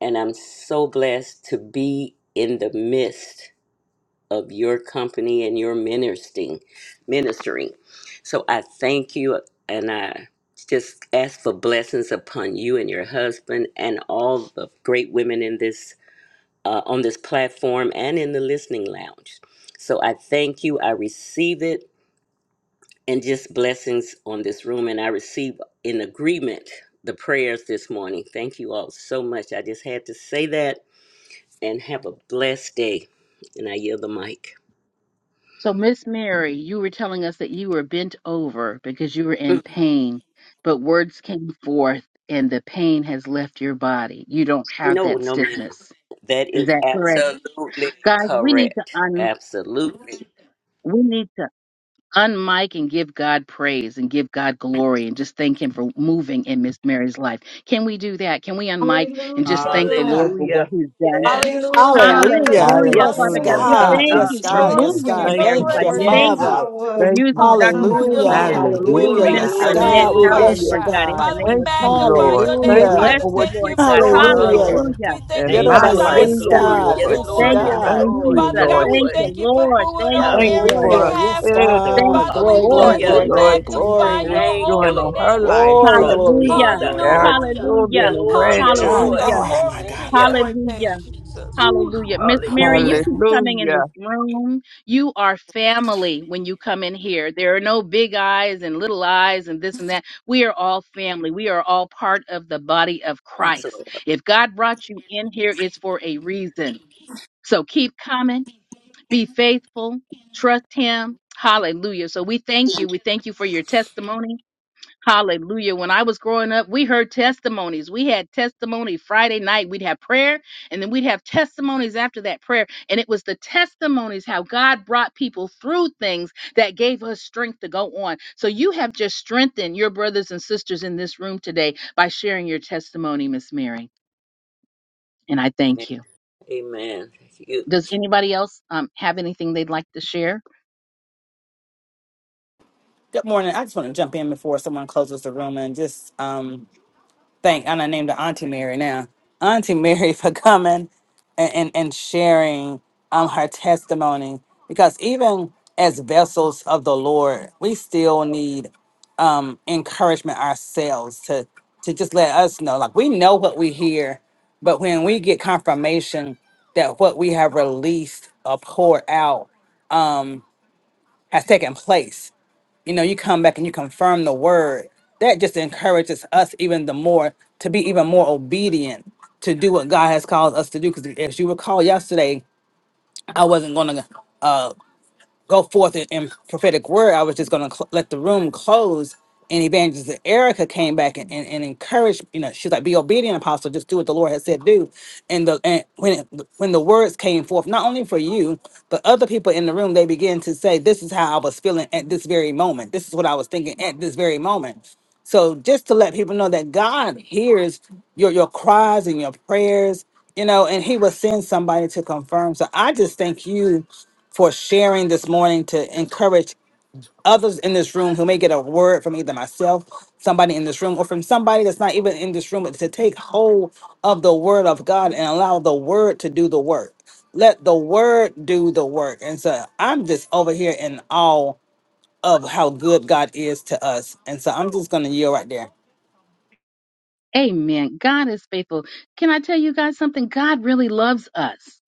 [SPEAKER 7] And I'm so blessed to be in the midst of your company and your ministering ministering so i thank you and i just ask for blessings upon you and your husband and all the great women in this uh, on this platform and in the listening lounge so i thank you i receive it and just blessings on this room and i receive in agreement the prayers this morning thank you all so much i just had to say that and have a blessed day and i yield the mic
[SPEAKER 1] So, Miss Mary, you were telling us that you were bent over because you were in
[SPEAKER 7] Mm,
[SPEAKER 1] pain, but words came forth and the pain has left your body. You don't have
[SPEAKER 7] no
[SPEAKER 1] that
[SPEAKER 7] no ma'am
[SPEAKER 1] stiffness.
[SPEAKER 7] That
[SPEAKER 1] Is
[SPEAKER 7] is
[SPEAKER 1] that correct?
[SPEAKER 7] absolutely
[SPEAKER 1] Guys, we need to
[SPEAKER 7] correct.
[SPEAKER 1] un
[SPEAKER 7] Absolutely.
[SPEAKER 1] we need to unmic and give God praise and give God glory and just thank him for moving in Miss Mary's life. Can we do that? Can we unmic and
[SPEAKER 6] Hallelujah.
[SPEAKER 1] just thank the Lord for what
[SPEAKER 7] Hallelujah.
[SPEAKER 1] he's done?
[SPEAKER 7] Yes,
[SPEAKER 6] Lord,
[SPEAKER 3] Hallelujah.
[SPEAKER 6] we get the
[SPEAKER 8] Hallelujah.
[SPEAKER 1] Hallelujah.
[SPEAKER 6] glory,
[SPEAKER 1] Father
[SPEAKER 8] Yes,
[SPEAKER 5] Hallelujah.
[SPEAKER 1] God,
[SPEAKER 6] God.
[SPEAKER 1] we
[SPEAKER 3] Hallelujah.
[SPEAKER 5] Thank
[SPEAKER 8] God.
[SPEAKER 6] Thank
[SPEAKER 1] thank
[SPEAKER 6] you,
[SPEAKER 7] God.
[SPEAKER 5] you,
[SPEAKER 8] Yes,
[SPEAKER 1] you for
[SPEAKER 8] God.
[SPEAKER 6] Jesus,
[SPEAKER 3] Glory
[SPEAKER 5] Jesus.
[SPEAKER 8] Yes,
[SPEAKER 6] for
[SPEAKER 3] to
[SPEAKER 1] moving
[SPEAKER 6] your
[SPEAKER 8] God.
[SPEAKER 1] in
[SPEAKER 5] Thank
[SPEAKER 3] your
[SPEAKER 1] Mary's
[SPEAKER 5] you,
[SPEAKER 6] miracle,
[SPEAKER 8] Thank
[SPEAKER 3] great
[SPEAKER 1] life.
[SPEAKER 8] you,
[SPEAKER 1] We thank
[SPEAKER 3] name,
[SPEAKER 7] Yes,
[SPEAKER 5] Jesus.
[SPEAKER 1] you
[SPEAKER 8] Father.
[SPEAKER 7] Lord.
[SPEAKER 3] Jesus.
[SPEAKER 1] for
[SPEAKER 6] God.
[SPEAKER 5] Thank you,
[SPEAKER 1] using Dr.
[SPEAKER 5] Jesus.
[SPEAKER 3] Hallelujah,
[SPEAKER 8] Hallelujah.
[SPEAKER 1] TP
[SPEAKER 3] Lord.
[SPEAKER 6] Hallelujah.
[SPEAKER 1] and, and
[SPEAKER 3] We
[SPEAKER 8] Hallelujah.
[SPEAKER 7] Glory,
[SPEAKER 5] Hallelujah.
[SPEAKER 3] bless
[SPEAKER 8] Yes,
[SPEAKER 1] Minister
[SPEAKER 3] your
[SPEAKER 7] glory,
[SPEAKER 1] Annette
[SPEAKER 8] God.
[SPEAKER 3] name,
[SPEAKER 8] We
[SPEAKER 7] glory.
[SPEAKER 1] Howell,
[SPEAKER 3] Father
[SPEAKER 8] bless
[SPEAKER 5] Hallelujah.
[SPEAKER 8] you,
[SPEAKER 1] Lord
[SPEAKER 3] God.
[SPEAKER 1] God, in the
[SPEAKER 8] God.
[SPEAKER 3] Father, we
[SPEAKER 1] name
[SPEAKER 5] Thank
[SPEAKER 1] of
[SPEAKER 5] you,
[SPEAKER 1] Jesus.
[SPEAKER 3] magnify
[SPEAKER 5] Lord.
[SPEAKER 3] your
[SPEAKER 1] We
[SPEAKER 3] name,
[SPEAKER 5] Thank
[SPEAKER 7] Oh,
[SPEAKER 5] you
[SPEAKER 8] Hallelujah.
[SPEAKER 7] yeah.
[SPEAKER 1] bless
[SPEAKER 3] Father.
[SPEAKER 5] for
[SPEAKER 1] you,
[SPEAKER 5] what
[SPEAKER 3] Thank you
[SPEAKER 5] you're
[SPEAKER 1] Lord
[SPEAKER 3] for
[SPEAKER 1] God.
[SPEAKER 5] doing,
[SPEAKER 3] moving,
[SPEAKER 7] Oh,
[SPEAKER 3] Lord.
[SPEAKER 7] yeah.
[SPEAKER 5] Lord,
[SPEAKER 8] Hallelujah.
[SPEAKER 1] Hallelujah.
[SPEAKER 3] We thank you
[SPEAKER 5] in
[SPEAKER 7] Thank
[SPEAKER 3] for
[SPEAKER 5] my
[SPEAKER 7] you,
[SPEAKER 8] Yes,
[SPEAKER 7] Lord.
[SPEAKER 5] life
[SPEAKER 8] yes,
[SPEAKER 3] signs,
[SPEAKER 1] Hallelujah.
[SPEAKER 7] Glory.
[SPEAKER 5] too,
[SPEAKER 8] God.
[SPEAKER 3] miracles, and
[SPEAKER 7] Yes,
[SPEAKER 5] Lord
[SPEAKER 8] Yes,
[SPEAKER 7] Lord.
[SPEAKER 1] Thank
[SPEAKER 5] Jesus.
[SPEAKER 3] wonders,
[SPEAKER 1] you,
[SPEAKER 7] Yes,
[SPEAKER 3] Lord.
[SPEAKER 8] God.
[SPEAKER 5] Thank
[SPEAKER 7] Lord.
[SPEAKER 1] Jesus.
[SPEAKER 5] you,
[SPEAKER 3] Father
[SPEAKER 7] Yes,
[SPEAKER 3] God,
[SPEAKER 5] Lord
[SPEAKER 3] we
[SPEAKER 1] Thank
[SPEAKER 7] Lord.
[SPEAKER 5] Jesus.
[SPEAKER 1] you,
[SPEAKER 3] thank you for
[SPEAKER 1] Lord.
[SPEAKER 7] Thank
[SPEAKER 3] moving
[SPEAKER 7] you.
[SPEAKER 1] Thank
[SPEAKER 3] on
[SPEAKER 1] you,
[SPEAKER 5] Thank you
[SPEAKER 3] Mary's
[SPEAKER 1] Lord.
[SPEAKER 5] for
[SPEAKER 8] Hallelujah.
[SPEAKER 3] behalf,
[SPEAKER 8] Yes,
[SPEAKER 3] Lord.
[SPEAKER 5] Heather.
[SPEAKER 7] Oh,
[SPEAKER 1] Thank
[SPEAKER 8] God.
[SPEAKER 3] Father,
[SPEAKER 1] you,
[SPEAKER 3] we
[SPEAKER 8] Glory, glory,
[SPEAKER 5] Thank
[SPEAKER 1] Lord.
[SPEAKER 3] bless
[SPEAKER 5] you,
[SPEAKER 7] hallelujah.
[SPEAKER 8] glory,
[SPEAKER 3] and
[SPEAKER 1] Thank you,
[SPEAKER 5] Lord
[SPEAKER 8] glory,
[SPEAKER 5] Jesus,
[SPEAKER 1] Jesus.
[SPEAKER 3] magnify
[SPEAKER 5] for
[SPEAKER 3] your
[SPEAKER 8] glory.
[SPEAKER 5] what
[SPEAKER 7] Thank
[SPEAKER 5] you're doing
[SPEAKER 7] you,
[SPEAKER 3] holy
[SPEAKER 5] in
[SPEAKER 7] Lord.
[SPEAKER 5] her
[SPEAKER 3] name,
[SPEAKER 5] life,
[SPEAKER 8] Glory,
[SPEAKER 3] Jesus.
[SPEAKER 7] Jesus,
[SPEAKER 5] Lord
[SPEAKER 8] glory,
[SPEAKER 5] Jesus.
[SPEAKER 8] glory,
[SPEAKER 1] Hallelujah.
[SPEAKER 8] glory,
[SPEAKER 7] Jesus.
[SPEAKER 5] Our
[SPEAKER 8] glory.
[SPEAKER 3] Hallelujah.
[SPEAKER 7] Dear
[SPEAKER 5] children
[SPEAKER 1] Hallelujah.
[SPEAKER 5] and
[SPEAKER 7] Lord, dear
[SPEAKER 8] My
[SPEAKER 5] grandchildren's
[SPEAKER 3] Hallelujah.
[SPEAKER 7] Lord.
[SPEAKER 1] Hallelujah.
[SPEAKER 5] life.
[SPEAKER 8] God, my
[SPEAKER 3] Glory
[SPEAKER 7] Thank
[SPEAKER 3] to
[SPEAKER 8] God, my
[SPEAKER 3] your
[SPEAKER 7] you.
[SPEAKER 8] God.
[SPEAKER 3] great name,
[SPEAKER 1] Hallelujah.
[SPEAKER 3] Jesus.
[SPEAKER 7] Oh,
[SPEAKER 1] Hallelujah. Miss Mary,
[SPEAKER 7] hallelujah.
[SPEAKER 1] you
[SPEAKER 8] Hallelujah.
[SPEAKER 1] keep coming in
[SPEAKER 5] Hallelujah.
[SPEAKER 1] this room. You are family when you come in here. There are no big eyes and little eyes and this and that. We are all family. We are all part of the body of Christ.
[SPEAKER 7] Absolutely.
[SPEAKER 1] If God brought you in here, it's for a reason. So keep coming be faithful, trust him. Hallelujah. So we thank you. We thank you for your testimony. Hallelujah. When I was growing up, we heard testimonies. We had testimony Friday night. We'd have prayer and then we'd have testimonies after that prayer. And it was the testimonies how God brought people through things that gave us strength to go on. So you have just strengthened your brothers and sisters in this room today by sharing your testimony, Miss Mary. And I thank you.
[SPEAKER 7] Amen. You.
[SPEAKER 1] Does anybody else um, have anything they'd like to share?
[SPEAKER 8] Good morning. I just want to jump in before someone closes the room and just um thank and I named her Auntie Mary now. Auntie Mary [laughs] for coming and, and, and sharing um her testimony. Because even as vessels of the Lord, we still need um encouragement ourselves to to just let us know. Like we know what we hear, but when we get confirmation that what we have released or poured out um has taken place you know, you come back and you confirm the word. That just encourages us even the more to be even more obedient to do what God has called us to do. Because as you recall yesterday, I wasn't going to go forth in, in prophetic word. I was just going to cl- let the room close. And Evangelist Erica came back and, and, and encouraged, you know, she's like, be obedient, apostle, just do what the Lord has said do. And the and when it, when the words came forth, not only for you, but other people in the room, they began to say, This is how I was feeling at this very moment. This is what I was thinking at this very moment. So just to let people know that God hears your your cries and your prayers, you know, and He will send somebody to confirm. So I just thank you for sharing this morning to encourage others in this room who may get a word from either myself, somebody in this room, or from somebody that's not even in this room, but to take hold of the word of God and allow the word to do the work. Let the word do the work. And so I'm just over here in awe of how good God is to us. And so I'm just going to yield right there.
[SPEAKER 1] Amen. God is faithful. Can I tell you guys something? God really loves us.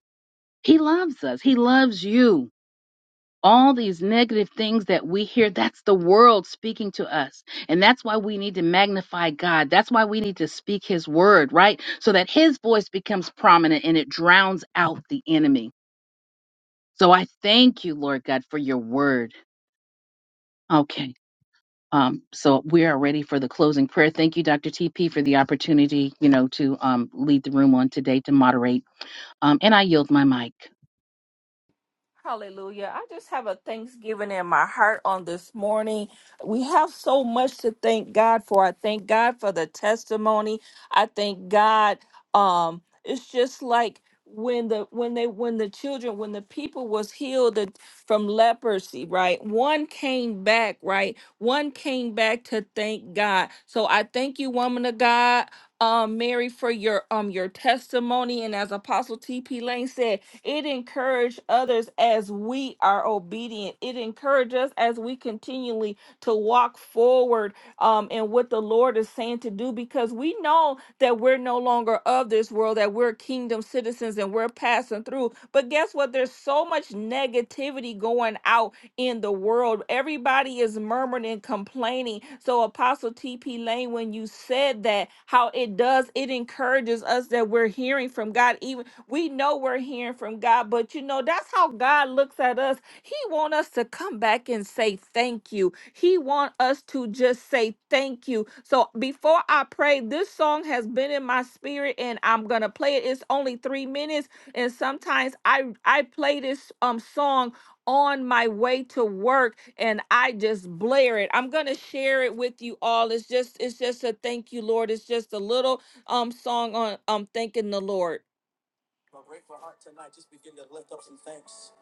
[SPEAKER 1] He loves us. He loves you. All these negative things that we hear, that's the world speaking to us. And that's why we need to magnify God. That's why we need to speak His word, right? So that His voice becomes prominent and it drowns out the enemy. So I thank you, Lord God, for your word. Okay. Um, so we are ready for the closing prayer. Thank you, Dr. TP, for the opportunity, you know, to um, lead the room on today to moderate. Um, and I yield my mic.
[SPEAKER 3] Hallelujah. I just have a thanksgiving in my heart on this morning. We have so much to thank God for. I thank God for the testimony. I thank God um it's just like when the when they when the children when the people was healed from leprosy right one came back right one came back to thank god so i thank you woman of god um mary for your um your testimony and as apostle tp lane said it encouraged others as we are obedient. It encouraged us as we continually to walk forward um, in what the Lord is saying to do because we know that we're no longer of this world, that we're kingdom citizens and we're passing through. But guess what? There's so much negativity going out in the world. Everybody is murmuring and complaining. So, Apostle T.P. Lane, when you said that, how it does, it encourages us that we're hearing from God, even we know we're hearing from God, but you know, that's how God looks at us. He want us to come back and say thank you. He want us to just say thank you. So before I pray, this song has been in my spirit and I'm going to play it. It's only 3 minutes and sometimes I I play this um song on my way to work and I just blare it. I'm gonna share it with you all. It's just it's just a thank you, Lord. It's just a little um song on um thanking the Lord. My grateful heart tonight just begin to lift up some thanks.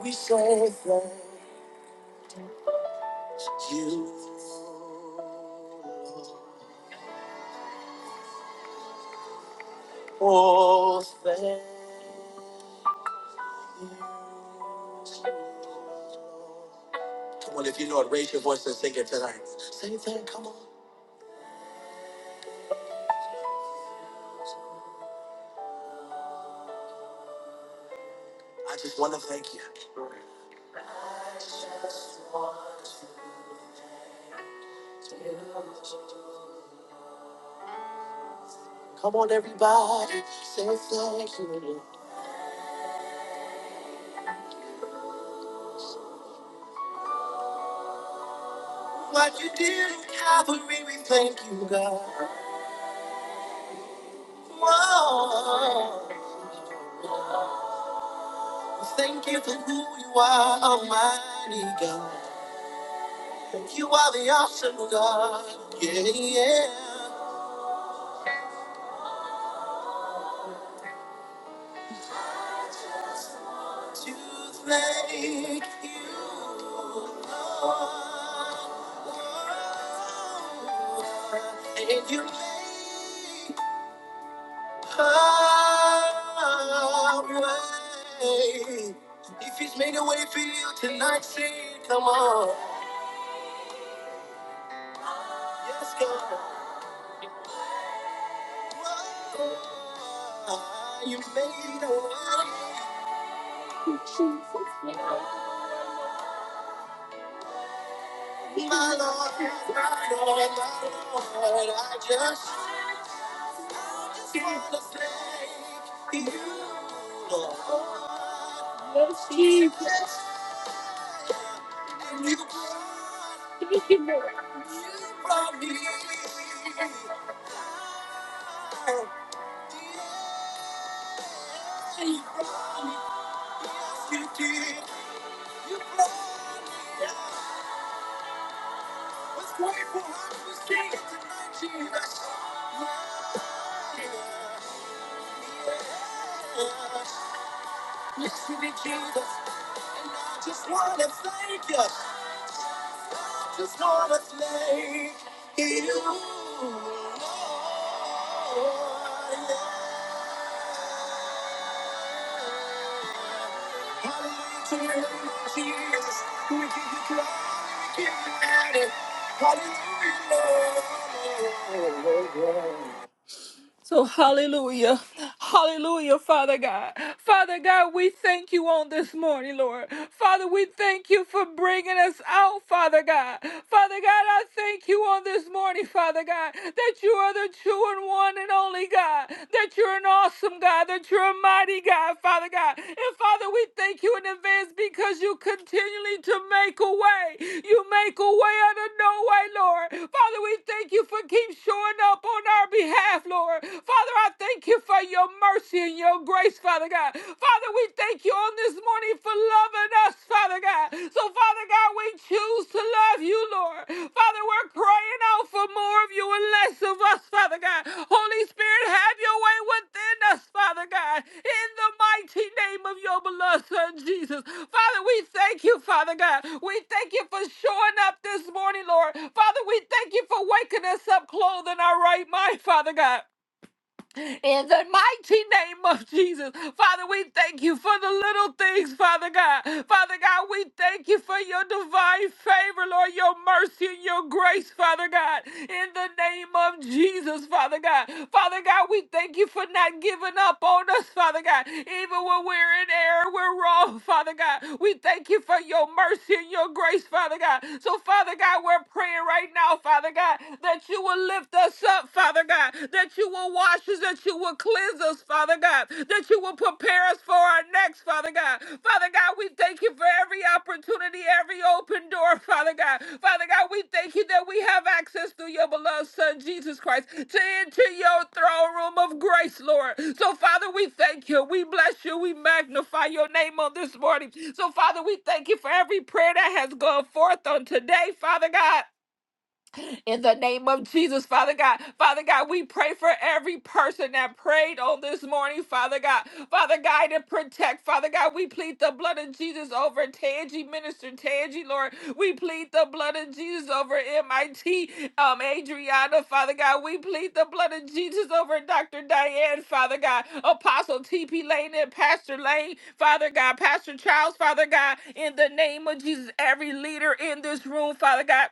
[SPEAKER 3] We say thanks to you. Lord. Oh, thank you. Lord. Come on, if you know it, raise your voice and sing it tonight. Say thank, come on. I just want to thank you. Come on, everybody, say thank you. Lord. What you did in Calvary, we thank you, God. Whoa. Thank you for who you are, Almighty God. You are the awesome God. Yeah, yeah. To thank you, Lord. Oh, and you made a way. If He's made a way for you tonight, say, come on. Yes, God. Whoa, You made a way, my Lord, my Lord, my Lord. I just, I just wanna thank you, Lord. Yes, Jesus. And you brought, you brought me. out. You brought me, yes, you did. You brought me. was grateful I was king tonight, Jesus. Yeah. Yes, you did, Jesus. And I just want to thank you. Just wanna thank you, Lord. Yeah. Hallelujah to your name, Jesus. We give you glory, we give you honor. Hallelujah. Lord. So, hallelujah. Hallelujah, Father God. Father God, we thank you on this morning, Lord. Father, we thank you for bringing us out, Father God. Father God, I thank you on this morning, Father God, that you are the true and one and only God, that you're an awesome God, that you're a mighty God, Father God. And Father, we thank you in advance because you continually to make a way. You make a way out of no way, Lord. Father, we thank you for keep showing up on our behalf, Lord power. Father, I thank you for your mercy and your grace, Father God. Father, we thank you on this morning for loving us, Father God. So, Father God, we choose to love you, Lord. Father, we're crying out for more of you and less of us, Father God. Holy Spirit, have your way within us, Father God. In the mighty name of your beloved Son, Jesus. Father, we thank you, Father God. We thank you for showing up this morning, Lord. Father, we thank you for waking us up clothed in our right mind, Father God. In the mighty name of Jesus, Father, we thank you for the little things, Father God. Father God, we thank you for your divine favor, Lord, your mercy and your grace, Father God. In the name of Jesus, Father God. Father God, we thank you for not giving up on us, Father God. Even when we're in error, we're wrong, Father God. We thank you for your mercy and your grace, Father God. So, Father God, we're praying right now, Father God, that you will lift us us up, Father God, that you will wash us, that you will cleanse us, Father God, that you will prepare us for our next, Father God. Father God, we thank you for every opportunity, every open door, Father God. Father God, we thank you that we have access through your beloved Son, Jesus Christ, to enter your throne room of grace, Lord. So, Father, we thank you. We bless you. We magnify your name on this morning. So, Father, we thank you for every prayer that has gone forth on today, Father God in the name of Jesus, Father God. Father God, we pray for every person that prayed on this morning, Father God. Father God, to protect, Father God, we plead the blood of Jesus over Tangi, Minister Tangi, Lord. We plead the blood of Jesus over MIT, um, Adriana, Father God. We plead the blood of Jesus over Dr. Diane, Father God. Apostle TP Lane and Pastor Lane, Father God. Pastor Charles, Father God. In the name of Jesus, every leader in this room, Father God.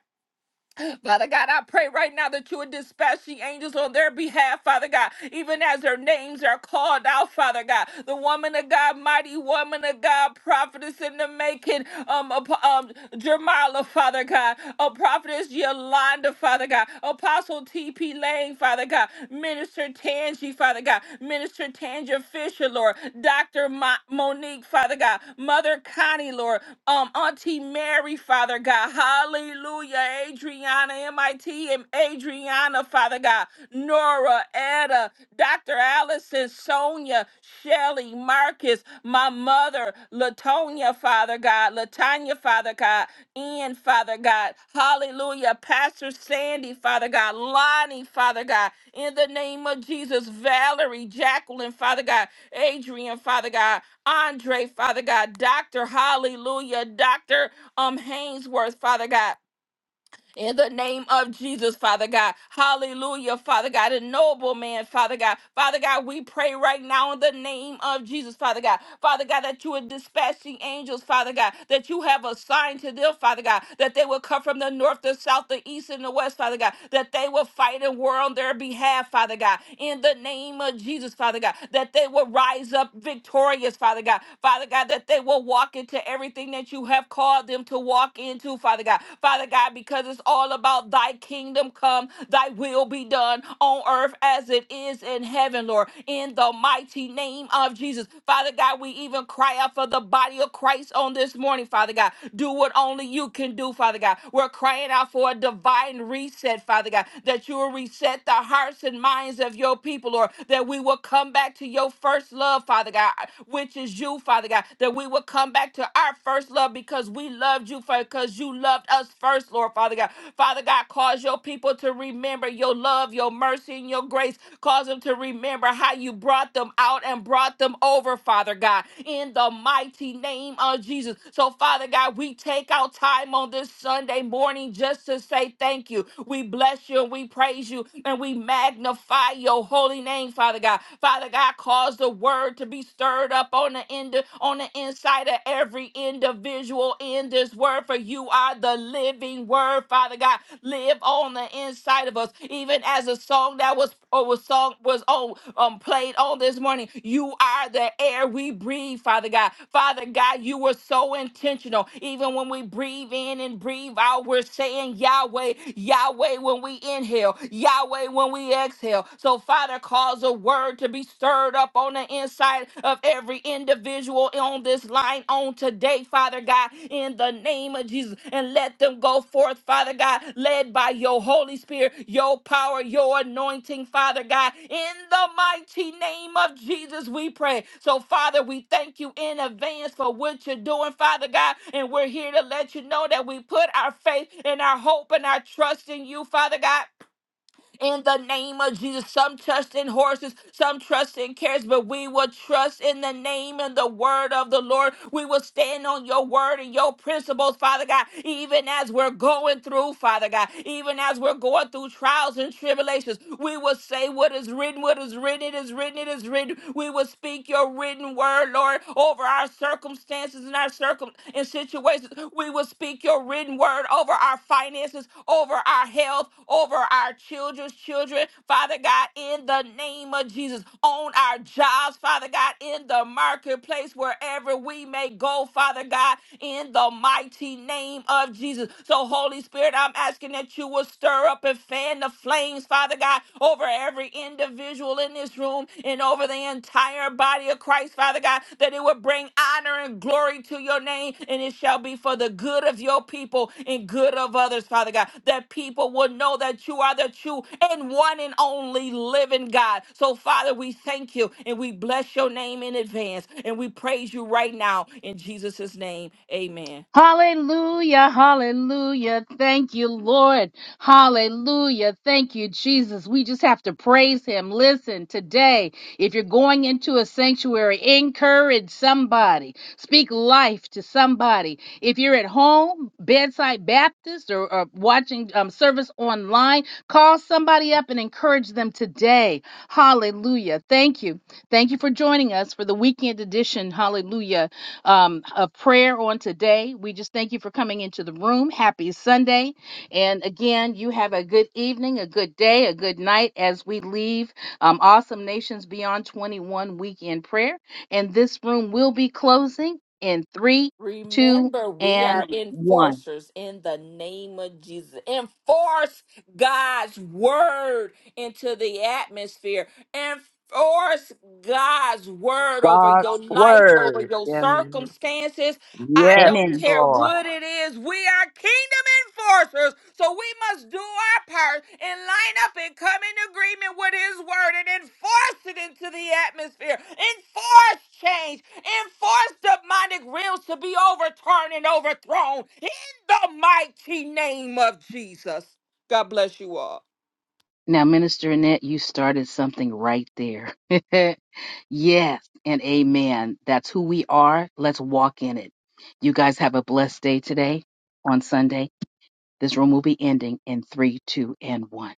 [SPEAKER 3] Father God, I pray right now that you would dispatch the angels on their behalf, Father God, even as their names are called out, Father God. The woman of God, mighty woman of God, prophetess in the making, um, ap- um, Jermala, Father God, a prophetess Yolanda, Father God, Apostle T.P. Lane, Father God, Minister Tangi, Father God, Minister Tangi. Ranger Fisher, Lord, Dr. Mo- Monique, Father God, Mother Connie, Lord, um, Auntie Mary, Father God, hallelujah, Adriana, MIT, and Adriana, Father God, Nora, Etta, Dr. Allison, Sonia, Shelly, Marcus, my mother, Latonia, Father God, Latanya, Father God, Ian, Father God, hallelujah, Pastor Sandy, Father God, Lonnie, Father God, in the name of Jesus. Valerie, Jacqueline, Father God, Adrian, Father God, Andre, Father God, Dr. Hallelujah, Dr. Um Hainsworth, Father God. In the name of Jesus, Father God. Hallelujah, Father God. A noble man, Father God. Father God, we pray right now in the name of Jesus, Father God. Father God, that you are dispatching angels, Father God, that you have assigned to them, Father God, that they will come from the north, the south, the east, and the west, Father God, that they will fight and war on their behalf, Father God. In the name of Jesus, Father God, that they will rise up victorious, Father God. Father God, that they will walk into everything that you have called them them to walk into, Father God. Father God, because it's all about thy kingdom come, thy will be done on earth as it is in heaven, Lord. In the mighty name of Jesus. Father God, we even cry out for the body of Christ on this morning, Father God. Do what only you can do, Father God. We're crying out for a divine reset, Father God, that you will reset the hearts and minds of your people, Lord, that we will come back to your first love, Father God, which is you, Father God, that we that we would come back to our first love because we loved you, Father, because you loved us first, Lord Father God. Father God, cause your people to remember your love, your mercy, and your grace. Cause them to remember how you brought them out and brought them over, Father God, in the mighty name of Jesus. So, Father God, we take out time on this Sunday morning just to say thank you. We bless you and we praise you and we magnify your holy name, Father God. Father God, cause the word word to be stirred up on the end on the inside of every individual in this word for you are the living word father god live on the inside of us even as a song that was or was song was on um played on this morning you are the air we breathe father god father god you were so intentional even when we breathe in and breathe out we're saying yahweh yahweh when we inhale yahweh when we exhale so father God, to cause a word to be stirred up on the inside of every individual on this line on today, Father God, in the name of Jesus. And let them go forth, Father God, led by your Holy Spirit, your power, your anointing, Father God. In the mighty name of Jesus, we pray. So, Father, we thank you in advance for what you're doing, Father God. And we're here to let you know that we put our faith and our hope and our trust in you, Father God in the name of Jesus. Some trust in horses, some trust in carrots, but we will trust in the name and the word of the Lord. We will stand on your word and your principles, Father God, even as we're going through, Father God, even as we're going through trials and tribulations. We will say what is written, what is written, it is written, it is written. We will speak your written word, Lord, over our circumstances and our circumstances circum in situations. We will speak your written word over our finances, over our health, over our children's children, Father God, in the name of Jesus, on our jobs, Father God, in the marketplace, wherever we may go, Father God, in the mighty name of Jesus. So, Holy Spirit, I'm asking that you will stir up and fan the flames, Father God, over every individual in this room and over the entire body of Christ, Father God, that it would bring honor and glory to your name, and it shall be for the good of your people and good of others, Father God, that people will know that you are the true and one and only living God. So, Father, we thank you and we bless your name in advance, and we praise you right now in Jesus' name. Amen.
[SPEAKER 1] Hallelujah, hallelujah. Thank you, Lord. Hallelujah. Thank you, Jesus. We just have to praise him. Listen, today, if you're going into a sanctuary, encourage somebody, speak life to somebody. If you're at home, bedside Baptist, or, or watching um, service online, call somebody up and encourage them today. Hallelujah. Thank you. Thank you for joining us for the weekend edition. Hallelujah um, of prayer on today. We just thank you for coming into the room. Happy Sunday. And again, you have a good evening, a good day, a good night as we leave um, Awesome Nations Beyond 21 weekend prayer. And this room will be closing in three, two,
[SPEAKER 3] Remember, we are
[SPEAKER 1] and
[SPEAKER 3] Mm.
[SPEAKER 1] one.
[SPEAKER 3] enforcers in the name of Jesus. Enforce God's word into the atmosphere. Enforce God's word over your
[SPEAKER 5] God's
[SPEAKER 3] life, over
[SPEAKER 5] word
[SPEAKER 3] your
[SPEAKER 5] in
[SPEAKER 3] circumstances. I
[SPEAKER 5] Yes,
[SPEAKER 3] don't Yes,
[SPEAKER 1] Amen.
[SPEAKER 3] care
[SPEAKER 5] Lord.
[SPEAKER 3] what it is. We are kingdom enforcers. So we must do our part and line up and come in agreement with his word and enforce it into the atmosphere. Enforce change Enforce demonic wills to be overturned and overthrown in the mighty name of Jesus. God bless you all.
[SPEAKER 1] Now, Minister Annette, you started something right there. [laughs] yes, and amen. That's who we are. Let's walk in it. You guys have a blessed day today on Sunday. This room will be ending in three, two, and one.